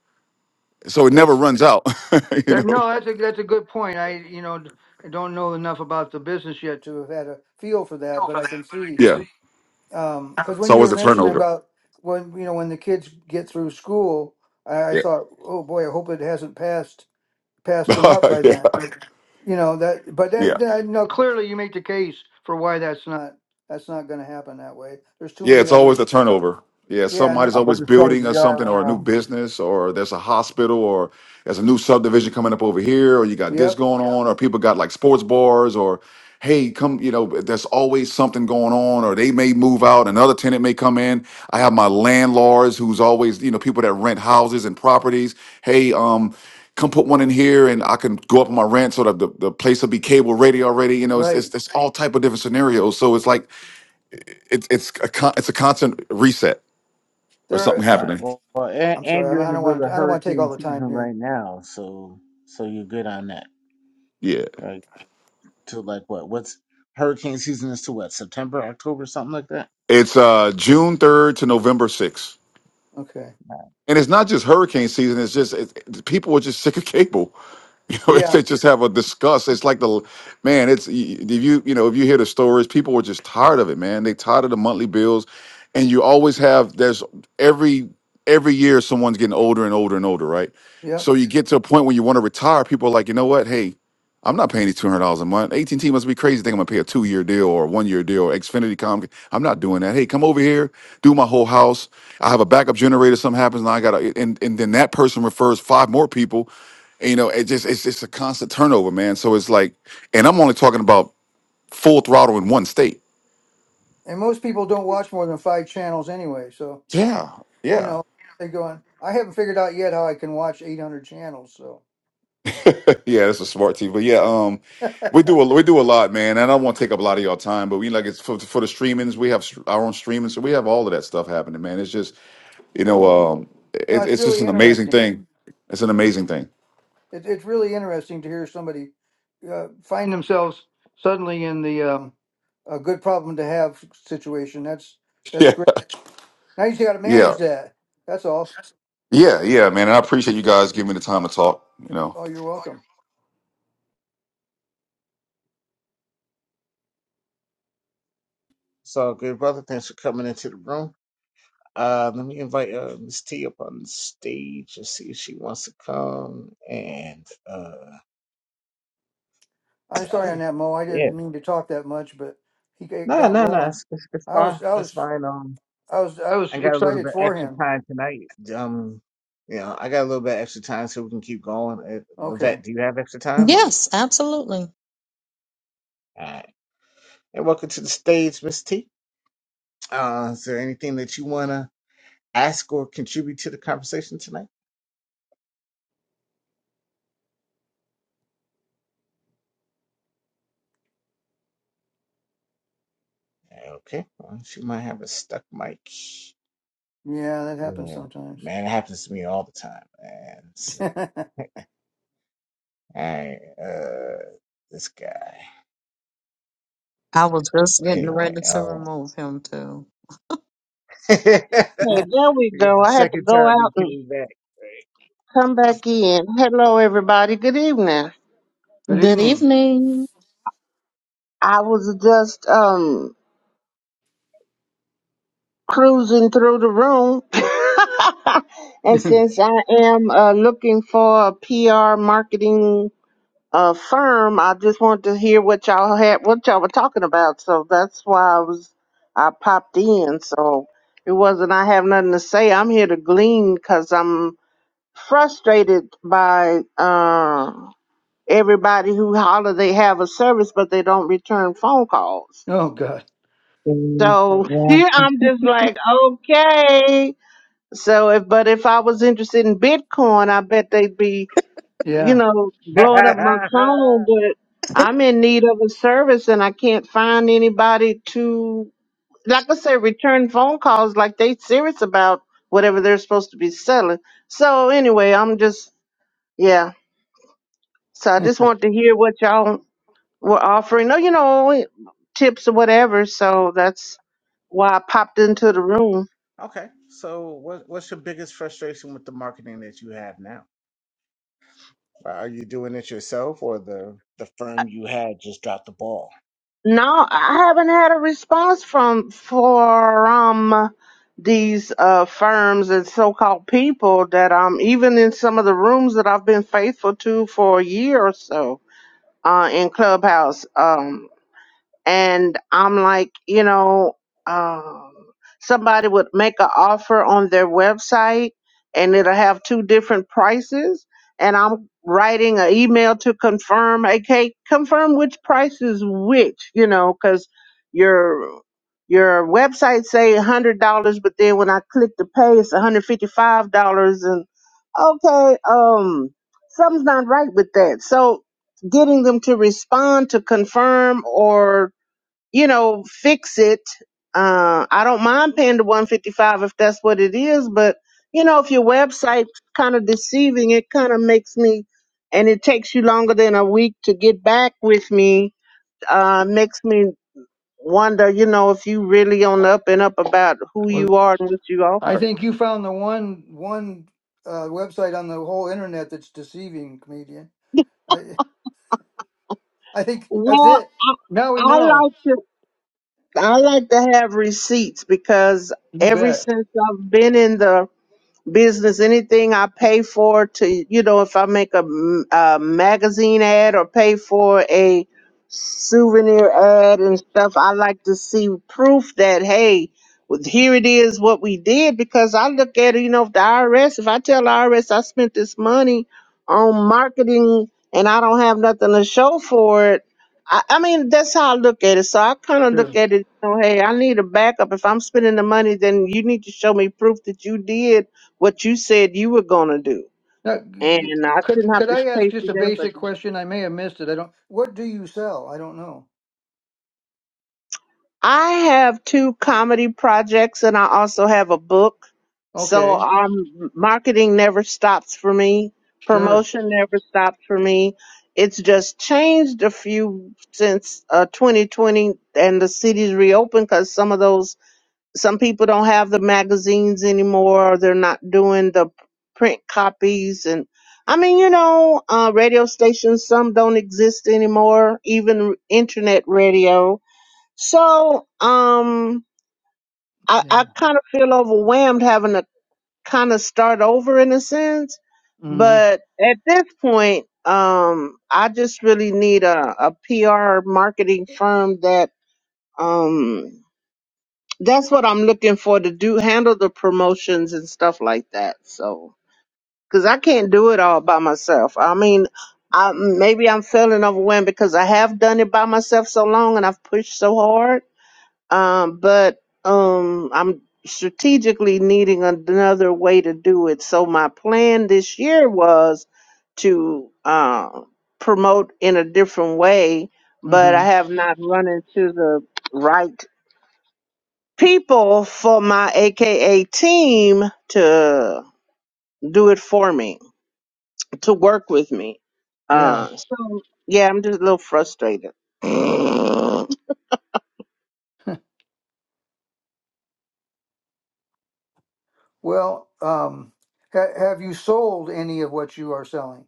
so it never
That's
runs out *laughs* you know
that. No, that's a that's a good point. I you know d- I don't know enough about the business yet to have had a feel for that, but I can see
yeah
because
it's
when you
always
were
a
mentioning
turnover
about when you know when the kids get through school, I, I
yeah
thought, oh boy, I hope it hasn't passed passed them up
*laughs*
by
yeah
then. You know that, but
yeah.
that, that no, clearly you make the case for why that's not that's not going to happen that way. There's too
Yeah,
many
it's
other
always a turnover. Yeah,
yeah, and
somebody's
there
I'm about
always
to say
building or
we
something,
are in
or
a.
a new business, or there's a hospital, or there's a new subdivision coming up over here, or you got this
Yep,
going on, or people got like sports bars, or hey, come, you know, there's always something going on, or they may move out, another tenant may come in. I have my landlords who's always, you know, people that rent houses and properties. Hey, um, come put one in here, and I can go up on my rent so that the, the place will be cable ready already. You know, it's,
right.
it's it's all type of different scenarios. So it's like it's it's a con- it's a constant reset or
There
something
All
are,
right.
happening.
Well, well and,
I'm sorry,
and you're in
I
the
don't
middle
want
of
to, I don't want to take all
hurricane
the time
season
here.
right now, so so you're good on that,
Yeah,
right? To like what? What's hurricane season is to what? September, October, something like that.
it's uh June third to November sixth,
Okay.
and it's not just hurricane season. It's just it, it- people are just sick of cable. You know, *laughs* if
Yeah,
they just have a discuss. It's like the man. It's if you you know if you hear the stories, people were just tired of it, man. They tired of the monthly bills, and you always have there's every every year someone's getting older and older and older, right?
yep.
So you get to a point when you want to retire. People are like, you know what? Hey, I'm not paying these two hundred dollars a month. AT and T must be crazy. Think I'm gonna pay a two year deal or a one year deal or Xfinity Com. I'm not doing that. Hey, come over here, do my whole house. I have a backup generator. Something happens, and I got to and and then that person refers five more people and, you know, it just it's just a constant turnover, man. So it's like, and I'm only talking about full throttle in one state.
And most people don't watch more than five channels anyway, so
Yeah,
you
yeah,
know, they go on. I haven't figured out yet how I can watch 800 channels, so
*laughs* yeah. That's a smart team, but yeah, um,
*laughs* no,
we do a we do a lot, man. And I don't want to take up a lot of your time, but we like it's for, for the streamings. We have str- our own streaming, so we have all of that stuff happening, man. It's just you know, um, it,
it's
it's just
really
an amazing
interesting.
thing. It's an amazing thing. *laughs*
It, it's really interesting to hear somebody uh, find themselves suddenly in the um, a good problem to have situation. That's that's
Yeah,
great. Now you just got to
yeah,
manage that. That's all.
yeah, yeah, man. And I appreciate you guys giving me the time to talk. You know,
Oh, you're welcome.
So good, brother. Thanks for coming into the room. Uh, let me invite uh, Miss T up on the stage and see if she wants to come. And uh,
I'm sorry on that, Mo. I
yeah,
didn't mean to talk that much, but he g-
no,
got
no, no,
rolling.
it's, it's, it's
I
fine.
was, I
It's
was,
fine. Um,
I was, I was
I got a little
excited
bit
for
extra
him.
time tonight. Um, you know, I got a little bit extra time so we can keep going. Uh,
Okay,
Levette, do you have extra time? Or
Yes, absolutely.
all right. And welcome to the stage, Miss T. Uh, is there anything that you wanna ask or contribute to the conversation tonight? Okay, well, she might have a stuck mic.
yeah, that happens
Yeah,
sometimes.
man, it happens to me all the time, man.
*laughs*
So,
Good
*laughs* I uh, this guy.
I was just
So
getting
anyway,
ready to
um,
remove him too.
*laughs* because
Yeah, there we go.
the
I had to
second
go
time
out
he
and
came back,
come back in. Hello, everybody. Good evening.
Good
evening.
evening.
I was just um cruising through the room, *laughs*
*laughs*
and
oh
since I am uh, looking for a PR marketing uh, firm, I just wanted to hear what y'all had, what y'all were talking about. So that's why I was I popped in. So it wasn't I have nothing to say. I'm here to glean because I'm frustrated by. Uh, everybody who holler they have a service, but they don't return phone calls.
God.
Mm,
So *laughs*
Yeah.
here I'm just like, okay. So if, but if I was interested in Bitcoin, I bet they'd be, you
Yeah.
know, blowing up my
right?
phone. But I'm in need of a service, and I can't find anybody to, like I said, return phone calls. Like they serious about whatever they're supposed to be selling. So anyway, I'm just, yeah. So I just want to hear what y'all were offering, no, you know, tips or whatever. So that's why I popped into the room.
*laughs* okay, so what what's your biggest frustration with the marketing that you have now? Are you doing it yourself, or the the firm you had just dropped the ball?
No, I haven't had a response from from these uh, firms and so-called people that um even in some of the rooms that I've been faithful to for a year or so uh, in Clubhouse. Um, and I'm like, you know, um, somebody would make an offer on their website and it'll have two different prices. And I'm writing an email to confirm, okay, confirm which price is which, you know, because your your website say a hundred dollars, but then when I click to pay, it's one hundred fifty five dollars, and okay, um, something's not right with that. So getting them to respond to confirm or you know, fix it. Uh, I don't mind paying the 155 if that's what it is, but you know, if your website's kind of deceiving, it kind of makes me, and it takes you longer than a week to get back with me, uh, makes me wonder, you know, if you really on the up and up about who
Well,
you are and what you
I
offer.
think you found the one one uh, website on the whole internet that's deceiving comedian. I I think that's
Well,
it.
I,
Now we
I
know.
like to, I like to have receipts because
You
ever
bet.
since I've been in the business, anything I pay for to, you know, if I make a, m- a magazine ad or pay for a souvenir ad and stuff, I like to see proof that, hey, well, here it is what we did because I look at it, you know, if the IRS, if I tell the IRS I spent this money on marketing and I don't have nothing to show for it, I, I mean, that's how I look at it. So I kind of
Sure.
look at it, you know, hey, I need a backup. If I'm spending the money, then you need to show me proof that you did what you said you were going to do.
Now, g- g-
And I
could
shouldn't have
could
to
I ask
chase
just
you
a
down for
basic
that.
question? I may have missed it. I don't. What do you sell? I don't know.
I have two comedy projects and I also have a book. So
Okay,
um, marketing never stops for me.
sure.
Promotion never stops for me. It's just changed a few since uh, 2020 and the cities reopened because some of those some people don't have the magazines anymore. or They're not doing the print copies. And I mean, you know, uh, radio stations, some don't exist anymore, even internet radio. So, um, I,
Yeah.
I kind of feel overwhelmed having to kind of start over in a sense.
Mm-hmm.
But at this point, um, I just really need a, PR marketing firm that, um, that's what I'm looking for to do handle the promotions and stuff like that. So, because I can't do it all by myself. I mean, I maybe I'm feeling overwhelmed because I have done it by myself so long and I've pushed so hard. Um, but um, I'm strategically needing another way to do it. So my plan this year was to uh, promote in a different way, but
Mm-hmm.
I have not run into the right people for my AKA team to do it for me, to work with me.
Yeah.
Uh, so yeah, I'm just a little frustrated.
*laughs* Well, um, ha- have you sold any of what you are selling?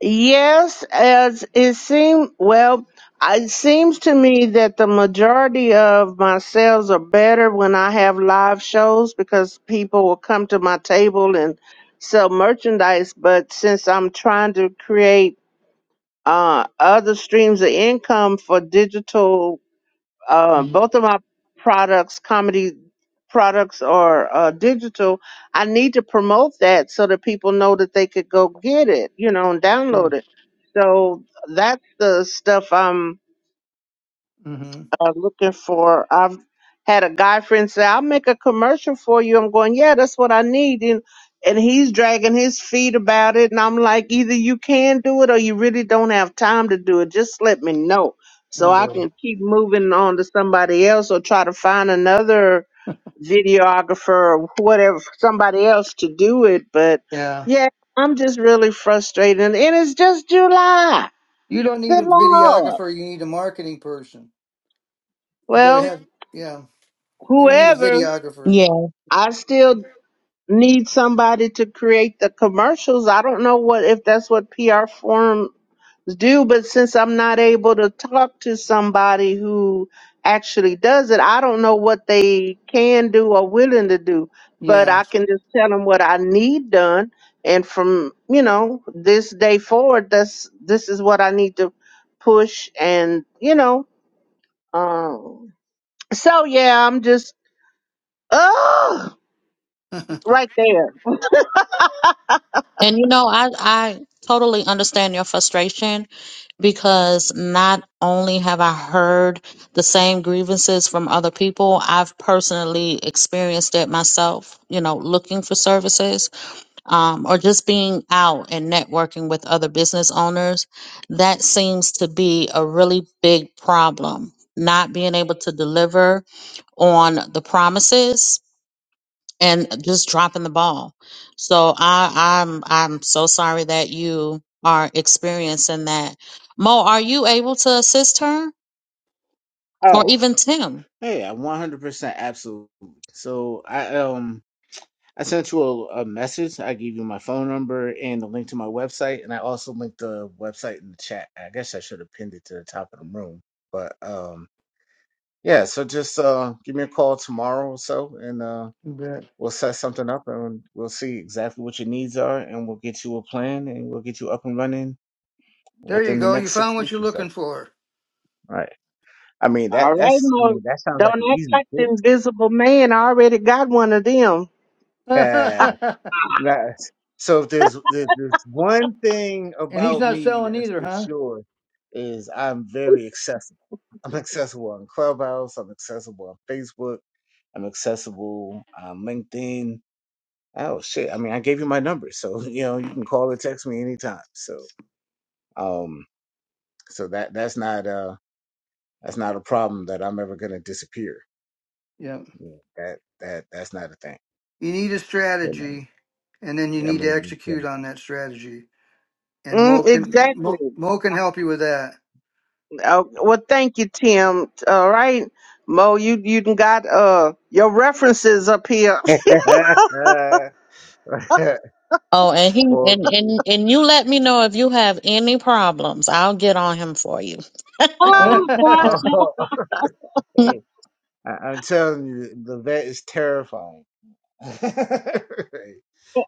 yes, as it seems, well, it seems to me that the majority of my sales are better when I have live shows because people will come to my table and sell merchandise. But since I'm trying to create uh, other streams of income for digital. Uh,
Mm,
both of my products, comedy products, are uh, digital. I need to promote that so that people know that they could go get it, you know, and
sure.
download it. So that's the stuff
Mm-hmm.
are looking for. I've had a guy friend say, "I'll make a commercial for you." I'm going, "Yeah, that's what I need," and and he's dragging his feet about it, and I'm like, "Either you can do it, or you really don't have time to do it. Just let me know,
Oh
so I
boy.
can keep moving on to somebody else, or try to find another videographer or whatever, somebody else to do it." But
Yeah.
yeah, I'm just really frustrated, and it's just July.
You don't need
Good
a
Lord.
videographer. You need a marketing person. You got to
Well,
have. Yeah. You don't need a
whoever.
videographer.
Yeah.
I still need somebody to create the commercials. I don't know what if that's what PR firms do, but since I'm not able to talk to somebody who actually does it, I don't know what they can do or willing to do. But
Yeah.
I
*laughs*
can just tell them what I need done, and from you know this day forward, that's this is what I need to push, and you know, um, so yeah, I'm just oh right there.
And you know, I I totally understand your frustration because not only have I heard the same grievances from other people, I've personally experienced it myself, you know, looking for services um, or just being out and networking with other business owners, that seems to be a really big problem. Not being able to deliver on the promises and just dropping the ball. So I, I'm I'm so sorry that you are experiencing that. Mo, are you able to assist her or
Oh,
even Tim?
yeah, one hundred percent, absolutely. So I um. I sent you a, a message. I gave you my phone number and the link to my website, and I also linked the website in the chat. I guess I should have pinned it to the top of the room, but um, yeah. So just uh, give me a call tomorrow or so, and uh,
You bet.
we'll set something up, and we'll see exactly what your needs are, and we'll get you a plan, and we'll get you up and running
There you
within the
go. You
next
found
six
what you're
weeks or so.
looking
All
for.
right. I mean
All
that
right,
that's I
Mo.
mean that sounds like
Don't
an
act
easy
like the invisible man. I already got one of them.
fix. *laughs*
*laughs*
*laughs*
That so if there's there- there's one thing
And he's
about
not
me
selling
that's
either,
for
huh?
sure is I'm very accessible. I'm accessible on Clubhouse. I'm accessible on Facebook. I'm accessible on LinkedIn. Oh shit! I mean, I gave you my number, so *laughs* you know you can call or text me anytime. So um, so that that's not uh that's not a problem that I'm ever gonna disappear.
Yeah.
You know, that that that's not a thing.
You need a
You
strategy,
know,
and then you
I
need to
mean,
execute on that strategy. And Mo
mm,
can
exactly.
Mo, Mo can help you with that.
Oh, well, thank you, Tim. All right, Mo, you you done got uh your references up here.
we can-
Oh, and he
*laughs* well,
and and and you let me know if you have any problems. I'll get on him for you.
*laughs*
Oh,
*laughs*
oh, *laughs*
*laughs*
hey, I, I'm telling you, the vet is terrifying. *laughs* Right.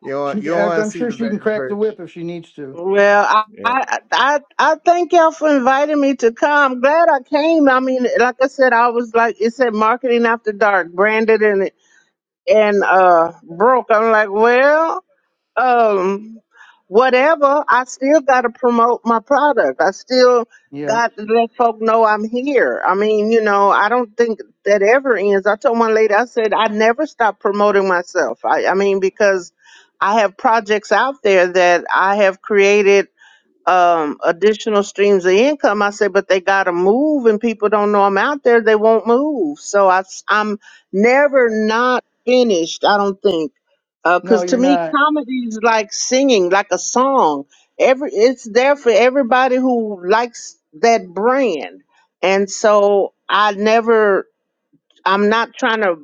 You don't, want, you
she,
don't
I-
want to
I'm
see
sure
the
she
vet
can
in
crack the
person.
whip if she needs to.
well, I,
Right,
I I I thank y'all for inviting me to come. I'm glad I came. I mean, like I said, I was like it said marketing after dark, branded and and uh broke. I'm like, well. um whatever i still got to promote my product i still
Yeah.
got to let folk know i'm here i mean you know i don't think that ever ends i told one lady i said i never stop promoting myself i, I mean because i have projects out there that i have created um additional streams of income i said but they gotta move and people don't know i'm out there they won't move so I, am never
right.
not finished i don't think
No,
because to
you're
me
not.
comedy is like singing like a song every it's there for everybody who likes that brand and so i never i'm not trying to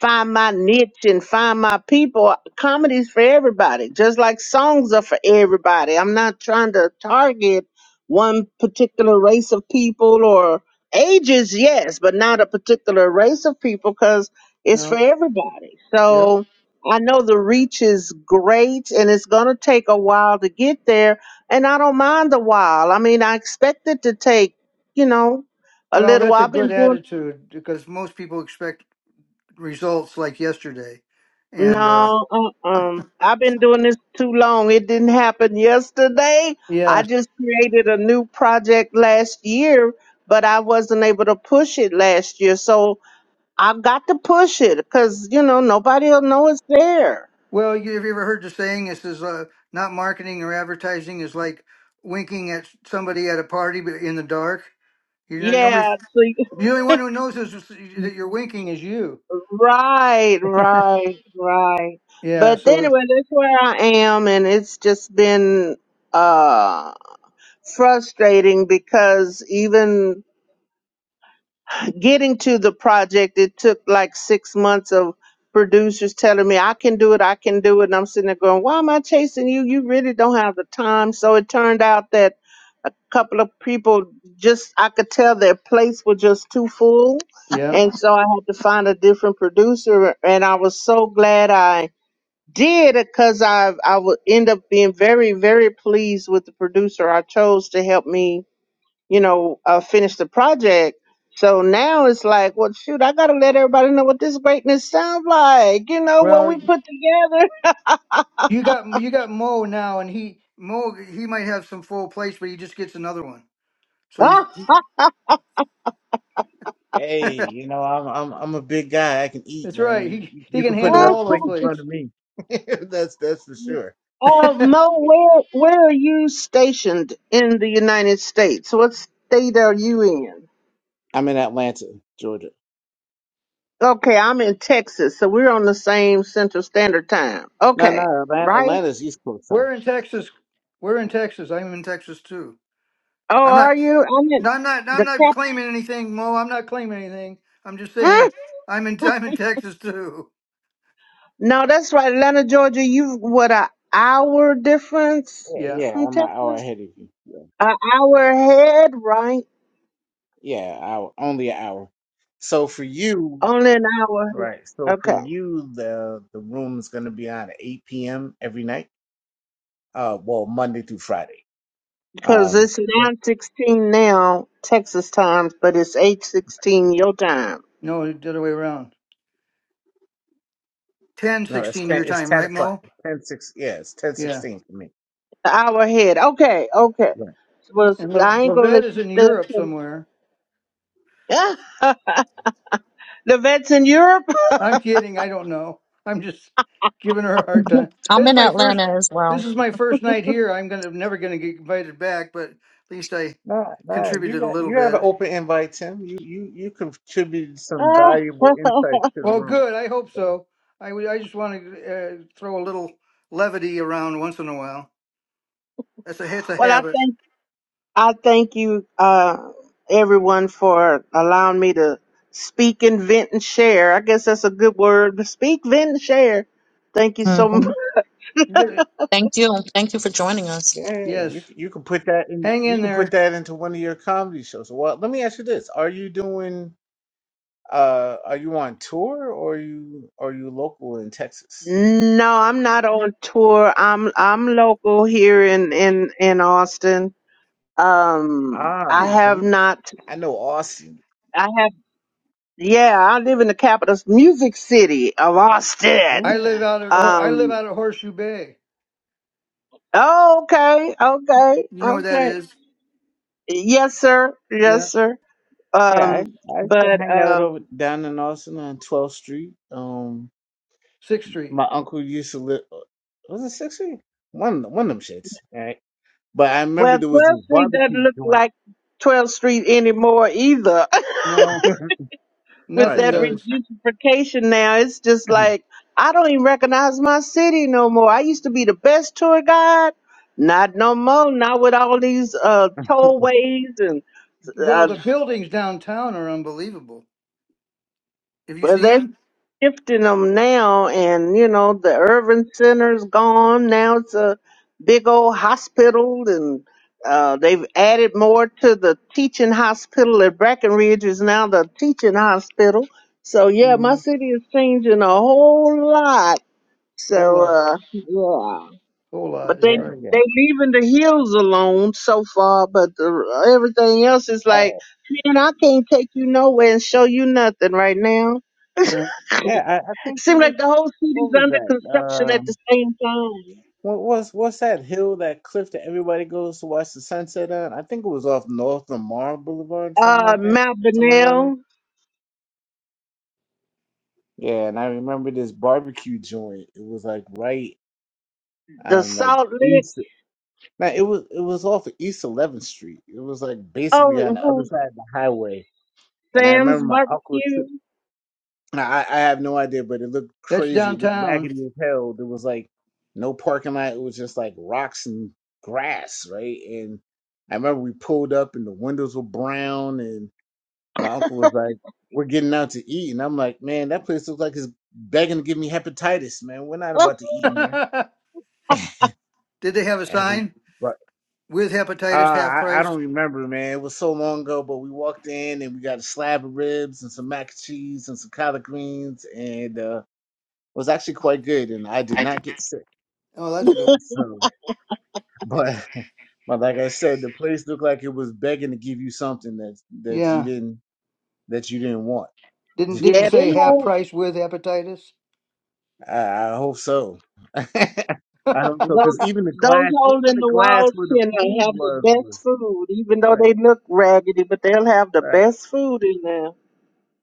find my niche and find my people. Comedy's for everybody, just like songs are for everybody. I'm not trying to target one particular race of people or ages, yes, but not a particular race of people because it's for
No.
everybody.
Yep.
So I know the reach is great and it's going to take a while to get there. And I don't mind the while. I mean, I expect it to take, you know, a
Well,
little
that's
while.
a
I've
good
been doing
attitude because most people expect results like yesterday, and uh,
No, um, I've been doing this too long. It didn't happen yesterday. I
yeah.
just created a new project last year, but I wasn't able to push it last year. So I've got to push it because, you know, nobody will know it's there.
Well, you, have you ever heard the saying? This is uh, not marketing or advertising is like winking at somebody at a party but in the dark. You know, nobody's
Yeah. So,
the only one who knows is is- that
you-
you're winking is you.
right, right, right.
Yeah.
But
So
anyway, that's where I am. And it's just been, uh, frustrating because even getting to the project, it took like six months of producers telling me, I can do it, I can do it. And I'm sitting there going, why am I chasing you? You really don't have the time. So it turned out that a couple of people just, I could tell their plates were just too full.
yeah.
And so I had to find a different producer. And I was so glad I did it, because I, I would end up being very, very pleased with the producer I chose to help me you know, uh, finish the project. So now it's like, well, shoot, I gotta let everybody know what this greatness sounds like. You know what
Well,
we put together. *laughs*
you got you got Mo now, and he Mo he might have some full plates, but he just gets another one. So he's
Ah,
*laughs*
Hey,
that's
you know, I'm I'm I'm a big guy. I can eat, man.
right.
You,
He
you
he
you
can
can put
handle
ah.
another
all those
plate in front
plates.
of me. *laughs* That's that's for sure.
uh,
*laughs*
Mo,
Yeah.
where where are you stationed in the United States? What state are you in?
I'm in Atlanta, Georgia.
Okay, I'm in Texas, so we're on the same Central Standard Time.
No,
Okay,
no, Atlanta,
right?
Atlanta's East Coast time.
We're in Texas. We're in Texas. I'm in Texas too.
Oh,
I'm not.
are you? I'm in
No, I'm not. I'm
the
not
cap.
claiming anything, Mo. I'm not claiming anything. I'm just
*laughs*
saying I'm in. I'm in Texas too.
No, that's right. Atlanta, Georgia, you what a hour difference
Yeah,
Yeah.
yeah,
from
I'm an hour
Texas?
ahead of you. Yeah,
An hour ahead, right?
yeah, hour, only an hour. So for you.
Only an hour ahead.
Right. So for
Okay.
you, the the room is going to be on at 8 p.m. every night. Uh, well, Monday through Friday.
Because
Um,
it's
Yep.
nine sixteen now, Texas times, but it's eight sixteen your time.
No, the other way around. Ten,
no, it's
sixteen
10.
year
It's
time,
10
right,
o'clock.
Mo?
It's ten six. Yeah, it's 10
Yeah.
16 for me.
An hour ahead. Okay, okay.
Yeah.
Well,
And Le-
I
yeah.
ain't gonna
Levette
let
is
you
in
stay up
Europe
till
somewhere.
*laughs* the vet's in Europe. *laughs*
I'm kidding. I don't know. I'm just giving her a hard time.
I'm
This is
in
my first.
Atlanta as well.
This is my first night here. I'm gonna never gonna get invited back, but at least I
Nah, nah. You
contributed a
got
little
you have an
bit.
open invite, Tim. You you you contributed some
Ah,
valuable insights to the
Well,
room.
good. I hope
So,
so. I, w- I just want to uh, throw a little levity around once in a while. That's a it's a
well, I
habit.
thank I thank you, uh, everyone, for allowing me to speak and vent and share. I guess that's a good word. Speak, vent, and share. Thank you
hmm
so *laughs* much.
You get it?
Thank you. Thank you for joining us.
yeah, yeah, yeah,
Yes.
you c- you can put that in.
Hang
You
in
can put
there.
that into one of your comedy shows. Well, let me ask you this: Are you doing? Uh, are you on tour or are you are you local in Texas?
No, I'm not on tour. I'm I'm local here in in in Austin. Um,
Ah,
I
See,
have
see,
not.
I know Austin.
I have. Yeah, I live in the capital music city of
Yeah,
Austin.
I live out at Hor- I live
Um.
out at Horseshoe Bay.
Oh, okay. Okay.
You know what that
Okay.
is?
Yes, sir.
Yeah.
Yes, sir.
yeah.
Um,
I, I used to
but
hang out over
um,
down in Austin on 12th Street. Um,
Sixth Street.
my uncle used to live. uh, Was it Sixth Street? One one of them shits. Right. But I remember
well,
there was this
12th Street doesn't
barbecue
look
joint.
like 12th Street anymore either. *laughs*
No.
*laughs*
With
right.
Nothing
that
I rem-
does.
gentrification, now, it's just
*clears throat*
like I don't even recognize my city no more. I used to be the best tour guide. Not no more. Not with all these uh, tollways and
Well,
uh,
the buildings downtown are unbelievable. Have you
well,
seen
there's
them?
shifting them now and you know the urban center's gone now it's a big old hospital and uh, they've added more to the teaching hospital at Breckenridge is now the teaching hospital. So yeah, my
Mhm.
city is changing a whole lot.
Whole
So
lot.
uh, yeah,
Whole lot
but
is
they
yeah,
right.
they
yeah.
leaving the hills alone so far, but the, everything else is like,
Oh,
man, I can't take you nowhere and show you nothing right now.
Yeah.
yeah. I, I think it
Seemed
was.
like the whole
What
city's
was
under
that?
construction at
Um,
the same time.
What was what's that hill, that cliff that everybody goes to watch the sunset on? I think it was off North Lamar Boulevard, something
Uh,
like that,
Mount
somewhere around there.
Benel,
Yeah, and I remember this barbecue joint. It was like right
the
on like
Salt Lick,
east. Now it was it was off of East Eleventh Street. It was like basically on
oh,
the
who,
other side of the highway. And I
Sam's
remember my uncle. took.
Barbecue.
Nah, I, I have no idea, but it looked
That's
crazy. It looked
downtown.
raggedy as hell. There was like no parking lot. It was just like rocks and grass, right? And I remember we pulled up and the windows were brown, and my uncle was like, "We're getting out to eat," and I'm like, "Man, that place looks like it's begging to give me hepatitis, man. We're not
Oh,
about to
*laughs*
eat
Did
in there."
they have a
And we,
sign
but
with
uh,
hepatitis half
I, I
price?
don't remember, man. It was so long ago, but we walked in and we got a slab of ribs and some mac and cheese and some collard greens and. uh was actually quite good, and I did not get sick.
Oh, that's good.
So, but *laughs* but like I said, the place looked like it was begging to give you something that that you
Yeah.
didn't that you didn't want.
Didn't didn't
yeah,
say
them
half
whole,
price with hepatitis.
I, I hope so. *laughs* I hope so,
*laughs*
those,
because even the
those
glass, even
holes in
the
the
glass
walls
where the
can to
food
have the
was
best
was
food, even though they
right,
look raggedy, but they'll have the
right,
best food in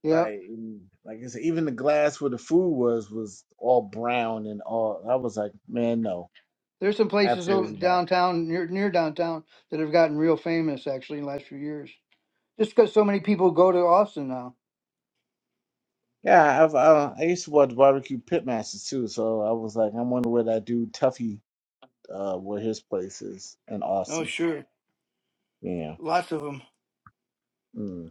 yep.
right. And like I said, even the glass where the food was was all brown and all. I was like, man, no,
There's some places over
absolutely
downtown near near downtown that have gotten real famous actually in the last few years. Just because so many people go to Austin now.
Yeah, I've, uh, I used to watch barbecue Pitmasters too, so I was like, I wonder where that dude Tuffy, uh, where his place is in
Oh,
Austin.
sure.
Yeah.
Lots of them.
Mm.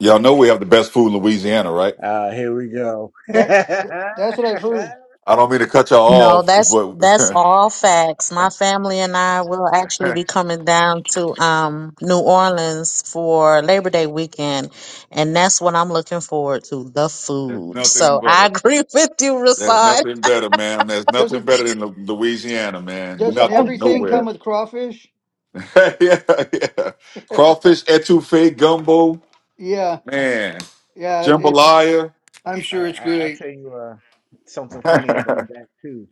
y'all know we have the best food in Louisiana, right?
Uh, here we go. *laughs* All
That, that that's what I've heard.
I don't mean to cut y'all
No, that's
off, but
that's
*laughs*
all facts. My family and I will
*laughs*
actually be
There's
coming down to um New Orleans for Labor Day weekend, and that's what I'm looking forward to, the food.
nothing
So I
better.
agree *laughs* with you,
There's
Rasad.
nothing better, ma'am. There's nothing
Doesn't
better than Lu- Louisiana, man.
doesn't
Nothing,
everything come
nowhere.
with crawfish?
*laughs* yeah, yeah.
*laughs*
Crawfish etouffee gumbo,
Yeah,
man.
yeah. It, it's
Jambalaya.
I'm sure
right,
it's
I, I'll
great.
tell you uh, something funny
*laughs*
about that too.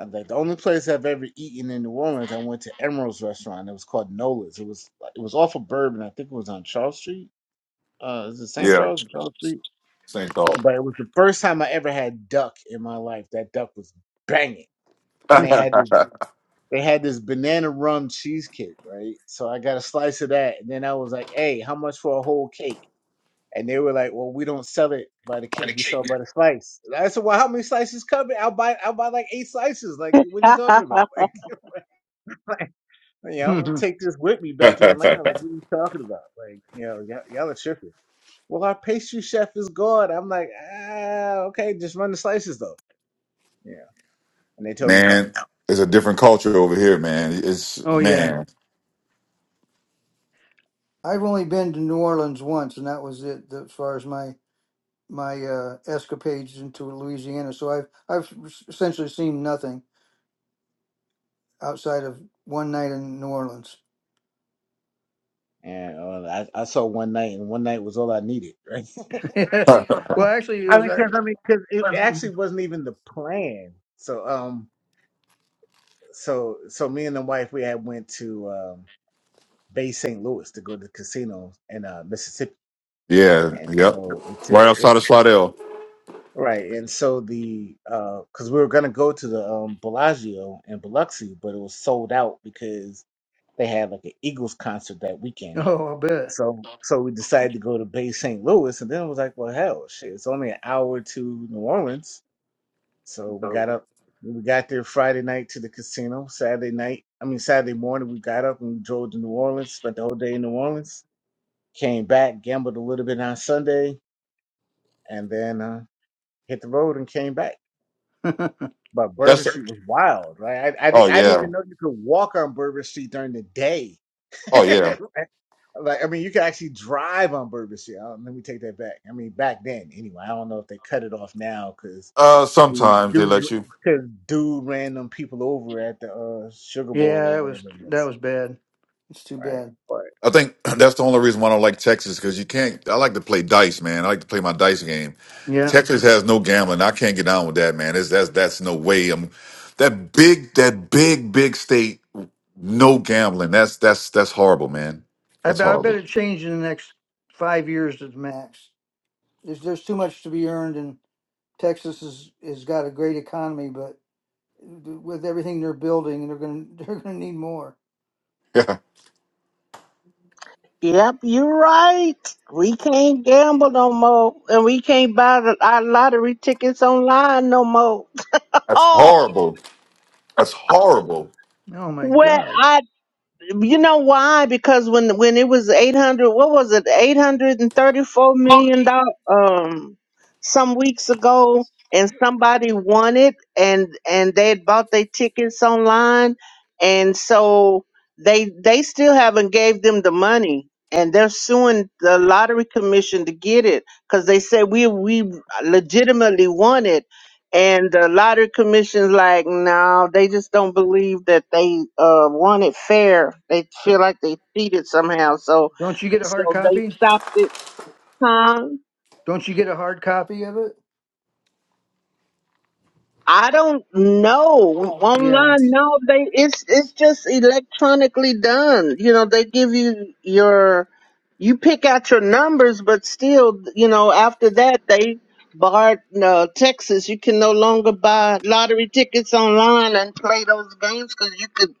Uh, like the only place I've ever eaten in New Orleans, I went to Emerald's restaurant. It was called Nola's. It was it was off of Bourbon. I think it was on Charles Street. Uh, is it St.
yeah,
Charles or Charles Street?
same thought.
But it was the first time I ever had duck in my life. That duck was banging. and they
*laughs*
had this,
*laughs*
they had this banana rum cheesecake, right? So I got a slice of that, and then I was like, "Hey, how much for a whole cake?" And they were like, "Well, we don't sell it by the cake; we sell it by the slice." And I said, "Well, how many slices come? in? I'll buy I'll buy like eight slices. Like, what are you
there.
talking about?
*laughs*
*laughs* Like, you know, I'm gonna
oh
take this with me back to Atlanta. Like, what are you talking about? Like, you know, y'all, y'all are tripping. Well, our pastry chef is gone. I'm like, ah, okay, just run the slices though. Yeah, and they told me no.
man, it's a different culture over here, man. It's
yeah.
man.
I've only been to New Orleans once, and that was it as far as my my uh, escapades into Louisiana. So I've I've essentially seen nothing outside of one night in New Orleans.
And uh, I, I saw one night, and one night was all I needed, right?
*laughs*
*laughs*
*laughs*
well, actually, it
I
was.
mean, because
like-
I mean, because it actually wasn't even the plan. So, um, so so me and the wife we had went to um, Bay St. Louis to go to the casino in uh, Mississippi,
yeah,
and
yep.
so it took
Right
it
outside of Slidell.
right. And so the uh, because we were gonna go to the um Bellagio in Biloxi, but it was sold out because they had like an Eagles concert that weekend
Oh, I
So so we decided to go to Bay St. Louis, and then it was like, well, hell, shit, it's only an hour to New Orleans. So we got up, we got there Friday night to the casino. Saturday night, I mean Saturday morning, we got up and we drove to New Orleans. Spent the whole day in New Orleans. Came back, gambled a little bit on Sunday, and then uh, hit the road and came back.
bet. *laughs*
But Bourbon
That's
Street was wild, right? I I,
oh
di- I didn't
yeah,
even know you could walk on Bourbon Street during the day.
oh yeah.
*laughs* Like I mean, you could actually drive on Bourbon Street. I don't- let me take that back. I mean, back then anyway. I don't know if they cut it off now because
Uh, sometimes they
dude,
let you.
cause dude ran them people over at the uh, Sugar Bowl
yeah,
or
that was
whatever it
that
was,
was bad. It's too
right?
bad.
But
I think *clears throat* that's the only reason why I don't like Texas because you can't. I like to play dice, man. I like to play my dice game.
Yeah.
Texas has no gambling. I can't get down with that, man. It's, that's that's no way. I'm that big, that big, big state. No gambling. That's that's that's horrible, man.
I,
That's
bet I
horrible.
better
*laughs*
change in the next five years at the max. There's there's too much to be earned, and Texas is has got a great economy, but with everything they're building, they're gonna *laughs* they're gonna need more.
Yeah,
Yep, you're right. We can't gamble no more, and we can't buy the, our lottery tickets online no more. *laughs*
that's
Oh,
horrible. That's horrible.
Oh my
well,
God!
I You know why? Because when when it was eight hundred, what was it? Eight hundred and thirty four million dollars. Um, some weeks ago, and somebody won it, and and they had bought their tickets online, and so they they still haven't gave them the money, and they're suing the lottery commission to get it because they said we we legitimately won it and the lottery commission's like no they just don't believe that they uh won it fair they feel
Don't
like they cheated somehow so
don't you get a
so
hard
they
copy?
stopped it huh
Don't you get a hard copy of it?
I don't know
Yeah.
online. No, they it's it's just electronically done. You know, they give you your you pick out your numbers, but still, you know, after that they barred uh, Texas. You can no longer buy lottery tickets online and play those games because you could at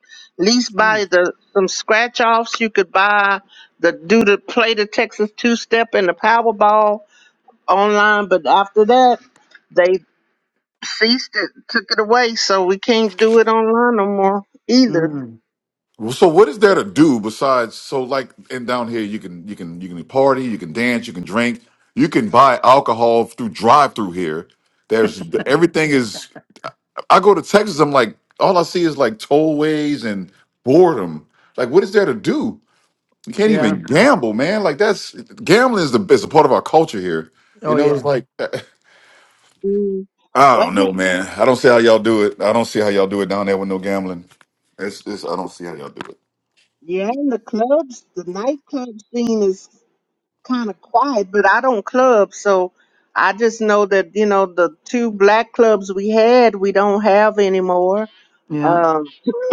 least buy
Jeez.
the some scratch offs. You could buy the do the play the Texas two step and the Powerball online, but after that. they. Ceased it, took it away, so we can't do it online no more either.
Mm.
Well, So what is there to do besides? So like in down here, you can you can you can party, you can dance, you can drink, you can buy alcohol through drive through here. There's everything is I go to Texas, I'm like, all I see is like tollways and boredom. Like, what is there to do? You can't
Yeah.
even gamble, man. Like that's gambling is the is a part of our culture here.
Oh
You know, it's
yeah.
like *laughs*
Mm.
I
Well,
don't
then,
know, man. I don't see how y'all do it. I don't see how y'all do it down there with no gambling. It's, it's I don't see how y'all do
yeah, in the clubs, the nightclub scene is kind of quiet. But I don't club, so I just know that you know the two black clubs we had, we don't have anymore.
Yeah.
Um,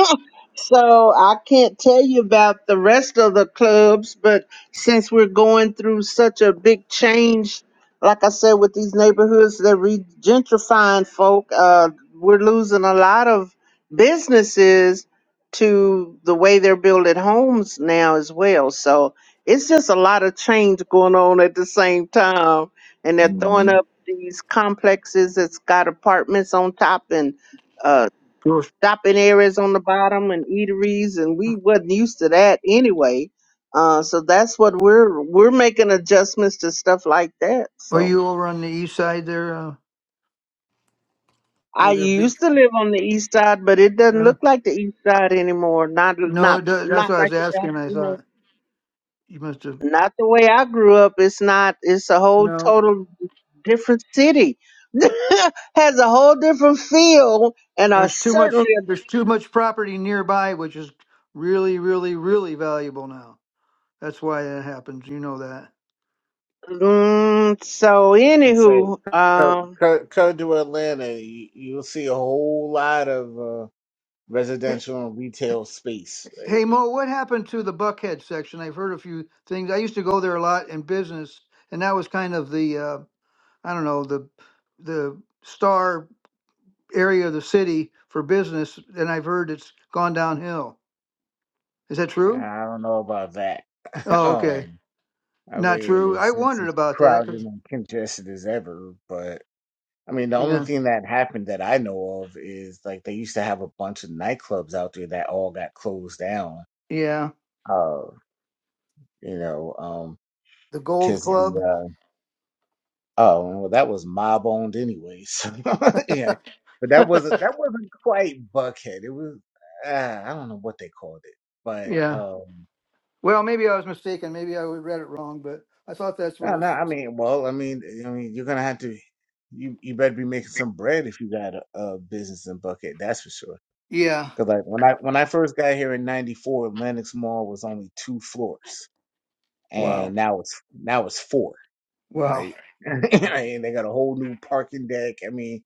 *laughs* so I can't tell you about the rest of the clubs, but since we're going through such a big change, like I said, with these neighborhoods that re gentrifying folk, uh, we're losing a lot of businesses to the way they're building homes now as well. So it's just a lot of change going on at the same time. And they're throwing
it.
up these complexes that's got apartments on top and uh,
Sure.
shopping areas on the bottom and eateries and we wasn't used to that anyway uh, so that's what we're we're making adjustments to stuff like that
Are
so
you over on the east side there? Uh,
i
where they're big?
used to live on the east side but it doesn't
Huh?
look like the east side anymore not
No,
not
it, do- that's
not
what I was
like the way
asking.
I
I
grew up.
thought you must have.
not the way i grew up it's not it's a whole
No.
total different city *laughs* has a whole different feel and a
There's too much
certainly
there's too much property nearby which is really really really valuable now. That's why that happens. You know that.
A, mm, so
let's say
anywho
come,
um
come come to Atlanta, you, you'll see a whole lot of uh,
Hey,
residential and retail space, right?
hey, Mo, what happened to the Buckhead section? I've heard a few things. I used to go there a lot in business and that was kind of the uh I don't know, the the star area of the city for business and I've heard it's gone downhill. Is that true?
I don't know about that. *laughs*
Oh, okay.
um, I
Not
mean,
true. I
it's it's
wondered
as
about that
crowded
'cause-
and congested as ever, but. I mean, the only
yeah.
thing that happened that I know of is like they used to have a bunch of nightclubs out there that all got closed down.
Yeah.
Uh, you know, um,
The Gold
because
Club. *laughs*
the uh, oh, well, that was mob owned anyway. *laughs* So yeah, but that wasn't that wasn't quite Buckhead. It was uh, I don't know what they called it, but
Yeah.
um,
Well, maybe I was mistaken. Maybe I read it wrong, but I thought that's what
no, no.
it's.
I mean, well, I mean, I mean, you're gonna have to. You you better be making some bread if you got a, a business in Buckhead. That's for sure.
Yeah.
Cause like when I when I first got here in '94, Lenox Mall was only two floors,
Wow.
and now it's now it's four,
Wow.
right? *laughs* and they got a whole new parking deck. I mean,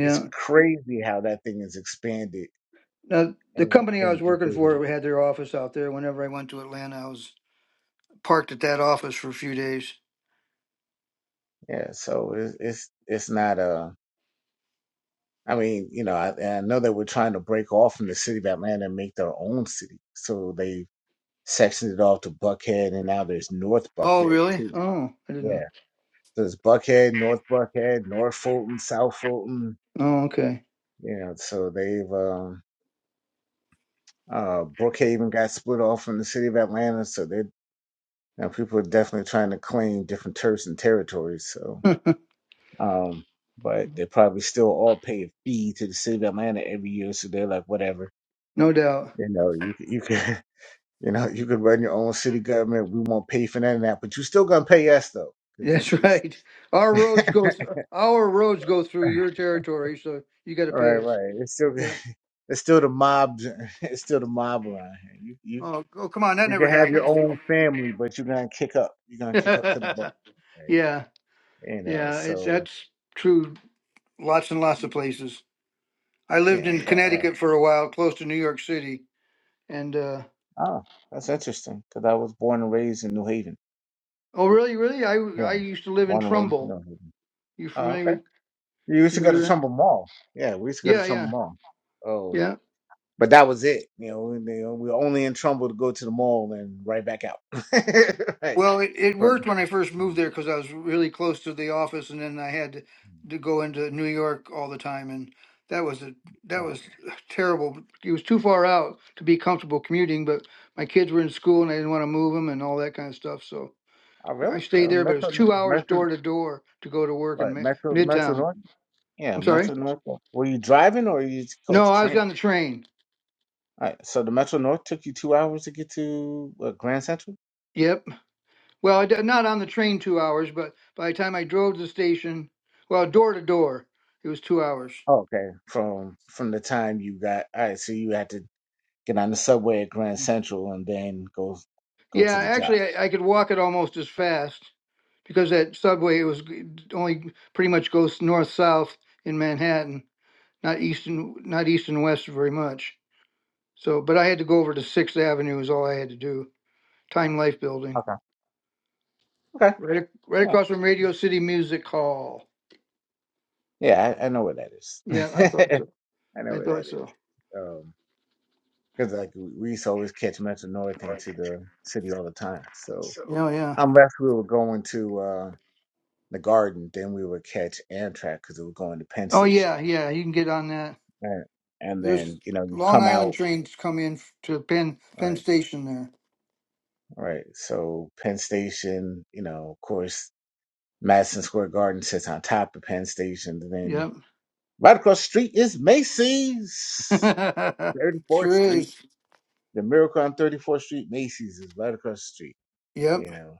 it's crazy how that thing is expanded
Now, the
and
company I was
and, and
working for we had their office out there. Whenever I went to Atlanta, I was parked at that office for a few days.
yeah. So it's it's it's not a. I mean, you know, I, and I know that we're trying to break off from the city of Atlanta and make their own city. So they sectioned it off to Buckhead, and now there's North
Oh,
Buckhead
really?
too.
Oh, I didn't
Yeah.
know.
So it's Buckhead, North Buckhead, North Fulton, South Fulton.
Oh, okay.
You know, so they've um, uh, Brookhaven got split off from the city of Atlanta, so they now people are definitely trying to claim different turfs and territories. So,
*laughs*
um, but they probably still all pay a fee to the city of Atlanta every year, so they're like, whatever.
no doubt.
You know, you c- you can *laughs* you know you could run your own city government. We won't pay for none of that, but you still gonna pay us though, because
That's
this
*laughs*
is.
right. Our roads go. Th- our roads go through
*laughs*
your territory, so you got to
Right,
pay us.
right. It's still
Yeah.
*laughs* it's still the mob *laughs* it's still the mob around here. You you
Oh, oh, come on. That
you
never
can have your
happened.
own family, but you're gonna kick up. You're gonna kick up to the buck.
*laughs*
Right.
yeah.
You know,
Yeah. It's
so
that's true lots and lots of places. I
you
lived
know,
in
but uh
Connecticut for a while, close to New York City. And uh,
oh, that's interesting because I was born and raised in New Haven.
oh, really, really? I
Yeah.
I used to live in
Born and raised in
Trumbull.
New Haven.
You
Oh,
familiar
okay.
with
You used to go
familiar
to
with that?
Trumbull Mall. Yeah, we used to go to
Yeah,
Trumbull
yeah,
Mall. Oh,
yeah.
but that was it. You know, we, you know, we were only in Trumbull to go to the mall and right back out. *laughs* right.
Well, it, it
Right.
worked when I first moved
Mm.
there because I was really close to the office, and then I had to, to go into New York all the time, and that was a that
mm.
was terrible. It was too far out to be comfortable commuting, but my kids were in school, and I didn't want to move them and all that kind of stuff. So
Oh,
I
really?
stayed
Uh,
there, but it was
Metro,
two hours
Metro,
door to door to go to work in
right?
Mi-
Metro, Metro
Midtown.
North. Yeah,
I'm sorry.
Metro North. Were you driving or you just caught
No,
the
I was
train?
on the train.
All right. So the Metro North took you two hours to get to uh, Grand Central.
Yep. Well, I d- not on the train two hours, but by the time I drove to the station, well, door to door, it was two hours.
Oh, okay. From from the time you got. All right. So you had to get on the subway at Grand Central and then go go
Yeah,
to the job.
actually, I, I could walk it almost as fast because that subway it was g- only pretty much goes north south in Manhattan, not east and not east and west very much. So, but I had to go over to Sixth Avenue is all I had to do. Time Life Building.
Okay. Okay.
Right, right
Yeah.
across from Radio City Music Hall.
Yeah. I, I know where that is.
Yeah, I thought
*laughs*
so.
I know
I
where
thought
that
so.
is. Um. because like we we used to always catch Metro North into the city all the time. So.
Oh yeah.
Unless we were going to uh, the garden, then we would catch Amtrak because it was going to Penn
Oh
Station.
yeah, yeah. You can get on that.
Right. And
There's
then, you know, you
Long
come
Island
out.
trains come in f- to Penn Penn
Right.
Station
Right. So Penn Station, you know, of course, Madison Square Garden sits on top of Penn Station. And then
there.
right across the street is Macy's,
Yep. *laughs*
34th
sure
Street.
is.
The Miracle on 34th Street, Macy's is right across the street,
Yep.
you know.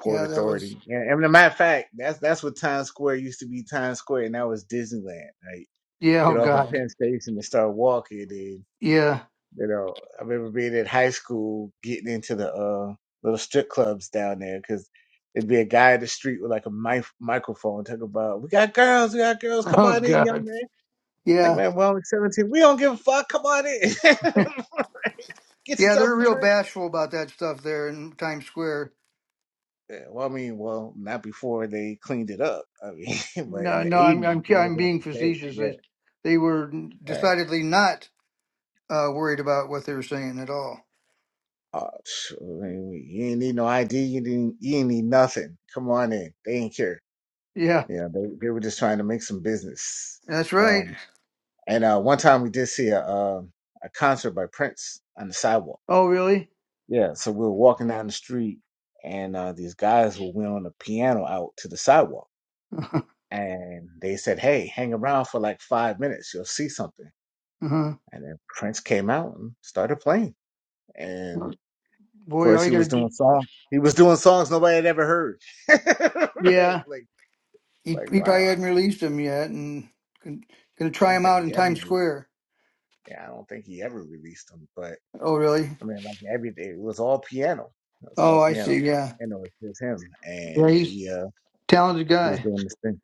Port
Yeah, that
Authority,
was.
and, and a matter of fact, that's that's what Times Square used to be. Times Square, and that was Disneyland. Right?
Yeah. Oh
get off at
God.
Penn Station and start walking. And
Yeah.
you know, I remember being in high school getting into the uh, little strip clubs down there because there'd be a guy in the street with like a mic- microphone talking about, "We got girls, we got girls,
*laughs*
come
Oh
on in, young
God.
man." Like,
Yeah.
man, we're only seventeen. We don't give a fuck. Come on in. *laughs* Get
Yeah. They're
yourself a
real
drink.
bashful about that stuff there in Times Square.
Yeah, well, I mean, well, not before they cleaned it up. I mean, *laughs* but in
No,
the
no. I'm
eighties,
I'm
it
I'm
was on
being
the table.
facetious. They,
Yeah,
they were
right.
decidedly not. uh, worried about what they were saying at all.
Uh, sh- you ain't need no ID. You didn't. You ain't need nothing. Come on in. They ain't care.
Yeah,
Yeah, they they were just trying to make some business.
that's right.
Um, and uh, one time we did see a um a concert by Prince on the sidewalk.
Oh, really?
Yeah, so we were walking down the street, and uh, these guys were wheeling a piano out to the sidewalk,
*laughs*
and they said, "Hey, hang around for like five minutes. You'll see something."
uh-huh.
And then Prince came out and started playing, and
Boy, all
course,
you
he
gotta
was
do.
doing songs. He was doing songs nobody had ever heard. *laughs* right?
Yeah,
Like,
he,
like
he probably
wow.
hadn't released them yet, and gonna
I
try
don't
him
think
out in
he ever.
Times
re-
Square.
Yeah, I don't think he ever released them. But
Oh, really?
I mean, like everything, it was all piano. It was
Oh,
all
I see.
piano,
Yeah,
and it was just him.
yeah,
And he,
he's
uh,
a talented
he was
guy.
doing this thing.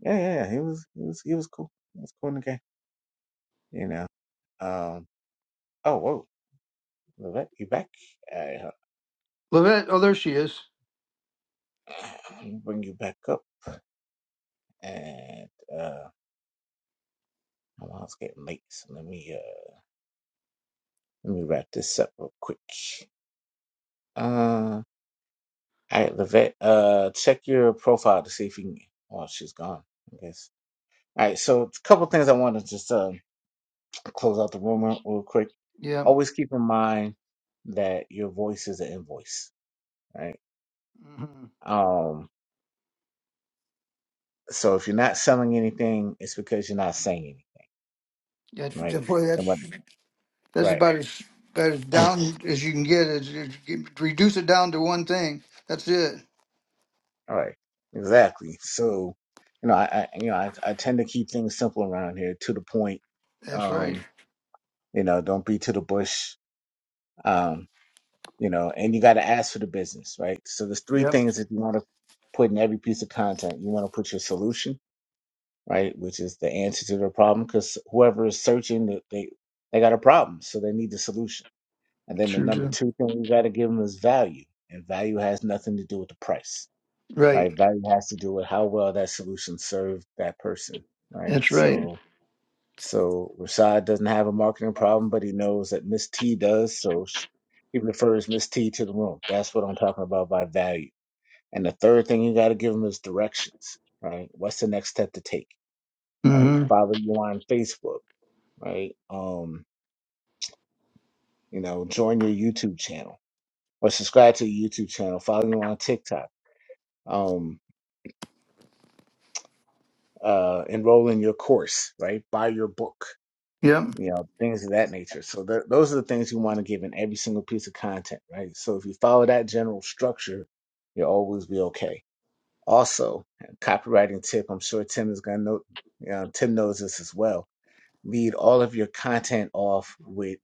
Yeah, yeah, yeah. He was, he was, he was cool. He was cool in the game. You know. Um. Oh, whoa, Levette, you back? Uh,
Levette. Oh, there she is.
*clears throat* let me bring you back up. And uh, my mom's getting late, so let me. uh, Let me wrap this up real quick. Uh, all right, Levette, uh, check your profile to see if you can. Oh, she's gone, I guess. All right, so a couple things I want to just uh, close out the room real real quick.
Yeah.
Always keep in mind that your voice is an invoice, right?
hmm
Um, so if you're not selling anything, it's because you're not saying anything,
That's
right?
that- boy. That's
And what,
that's
right,
about as about as down as you can get. Is, is get- reduce it down to one thing. That's it.
all right, exactly. So, you know, I, I you know, I, I tend to keep things simple around here to the point.
That's right.
Um, You know, don't be to the bush. Um, you know, and you got to ask for the business, right? So there's three
Yep.
things that you want to put in every piece of content. You want to put your solution, right, which is the answer to the problem, because whoever is searching, they they they got a problem, so they need the solution. And then the
Sure
number
do.
two thing you got to give them is value, and value has nothing to do with the price,
Right.
right? Value has to do with how well that solution served that person, right?
That's right.
So So Rashad doesn't have a marketing problem, but he knows that Miss T does. So sh he refers Miss T to the room. That's what I'm talking about by value. And the third thing you got to give him is directions, right? What's the next step to take, right?
Mm-hmm.
Follow you on Facebook, right? Um, you know, join your YouTube channel or subscribe to your YouTube channel. Follow you on TikTok. Um, uh, enroll in your course, right? Buy your book
Yep.
you know, things of that nature. So th- those are the things you want to give in every single piece of content, right? So if you follow that general structure, you'll always be okay. Also, copywriting tip, I'm sure Tim is going to know, you know, Tim knows this as well. Lead all of your content off with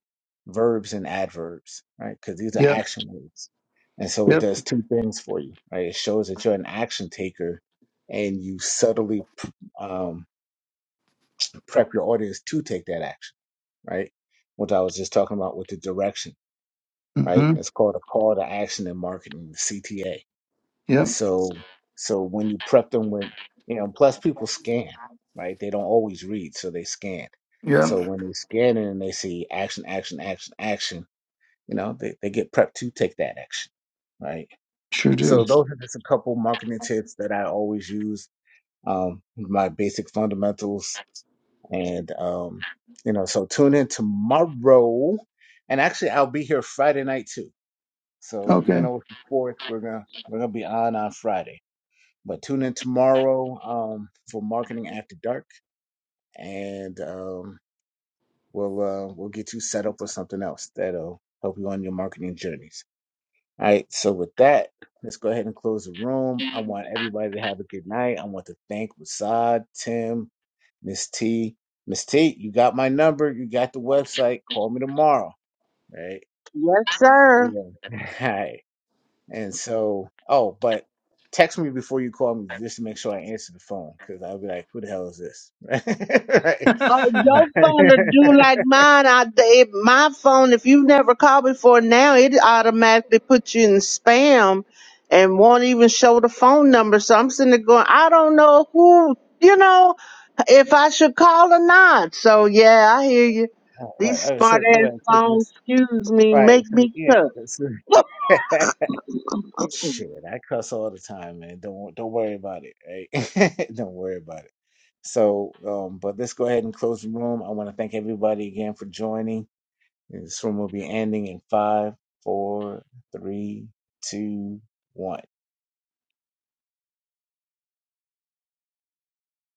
verbs and adverbs, right? Because these are
Yep.
action words. And so it
Yep.
does two things for you, right? It shows that you're an action taker and you subtly um, prep your audience to take that action right? What I was just talking about with the direction, right?
Mm-hmm.
It's called a call to action in marketing, the CTA.
Yep.
So, so when you prep them with, you know, plus people scan, right? They don't always read, so they scan.
Yep.
So when they scan it and they see action, action, action, action, you know, they, they get prepped to take that action, right?
Sure do.
So those are just a couple marketing tips that I always use. Um, my basic fundamentals and um, you know, so tune in tomorrow. And actually I'll be here Friday night too. So even
Okay.
though it's the fourth, we're gonna we're gonna be on on Friday. But tune in tomorrow um for marketing after dark and um we'll uh we'll get you set up with something else that'll help you on your marketing journeys. All right, so with that, let's go ahead and close the room. I want everybody to have a good night. I want to thank Rasad, Tim, Miss T, Miss T, you got my number. You got the website. Call me tomorrow, right?
Yes, sir.
Yeah. *laughs* Hi. And so, oh, but text me before you call me just to make sure I answer the phone because I'll be like, who the hell is this? *laughs* right. *laughs*
Oh, your phone to do like mine. I, it, my phone, if you've never called before now, it automatically puts you in spam and won't even show the phone number. So I'm sitting there going, I don't know who, you know, if I should call or not. So yeah, I hear you.
Right.
These
Right. So,
smart ass
right. So
phones,
just,
excuse me,
right.
make
So,
me
yeah.
cuss.
So, *laughs* Shit, I cuss all the time, man. Don't don't worry about it, right? *laughs* Don't worry about it. So, um, but let's go ahead and close the room. I want to thank everybody again for joining. This room will be ending in five, four, three, two, one.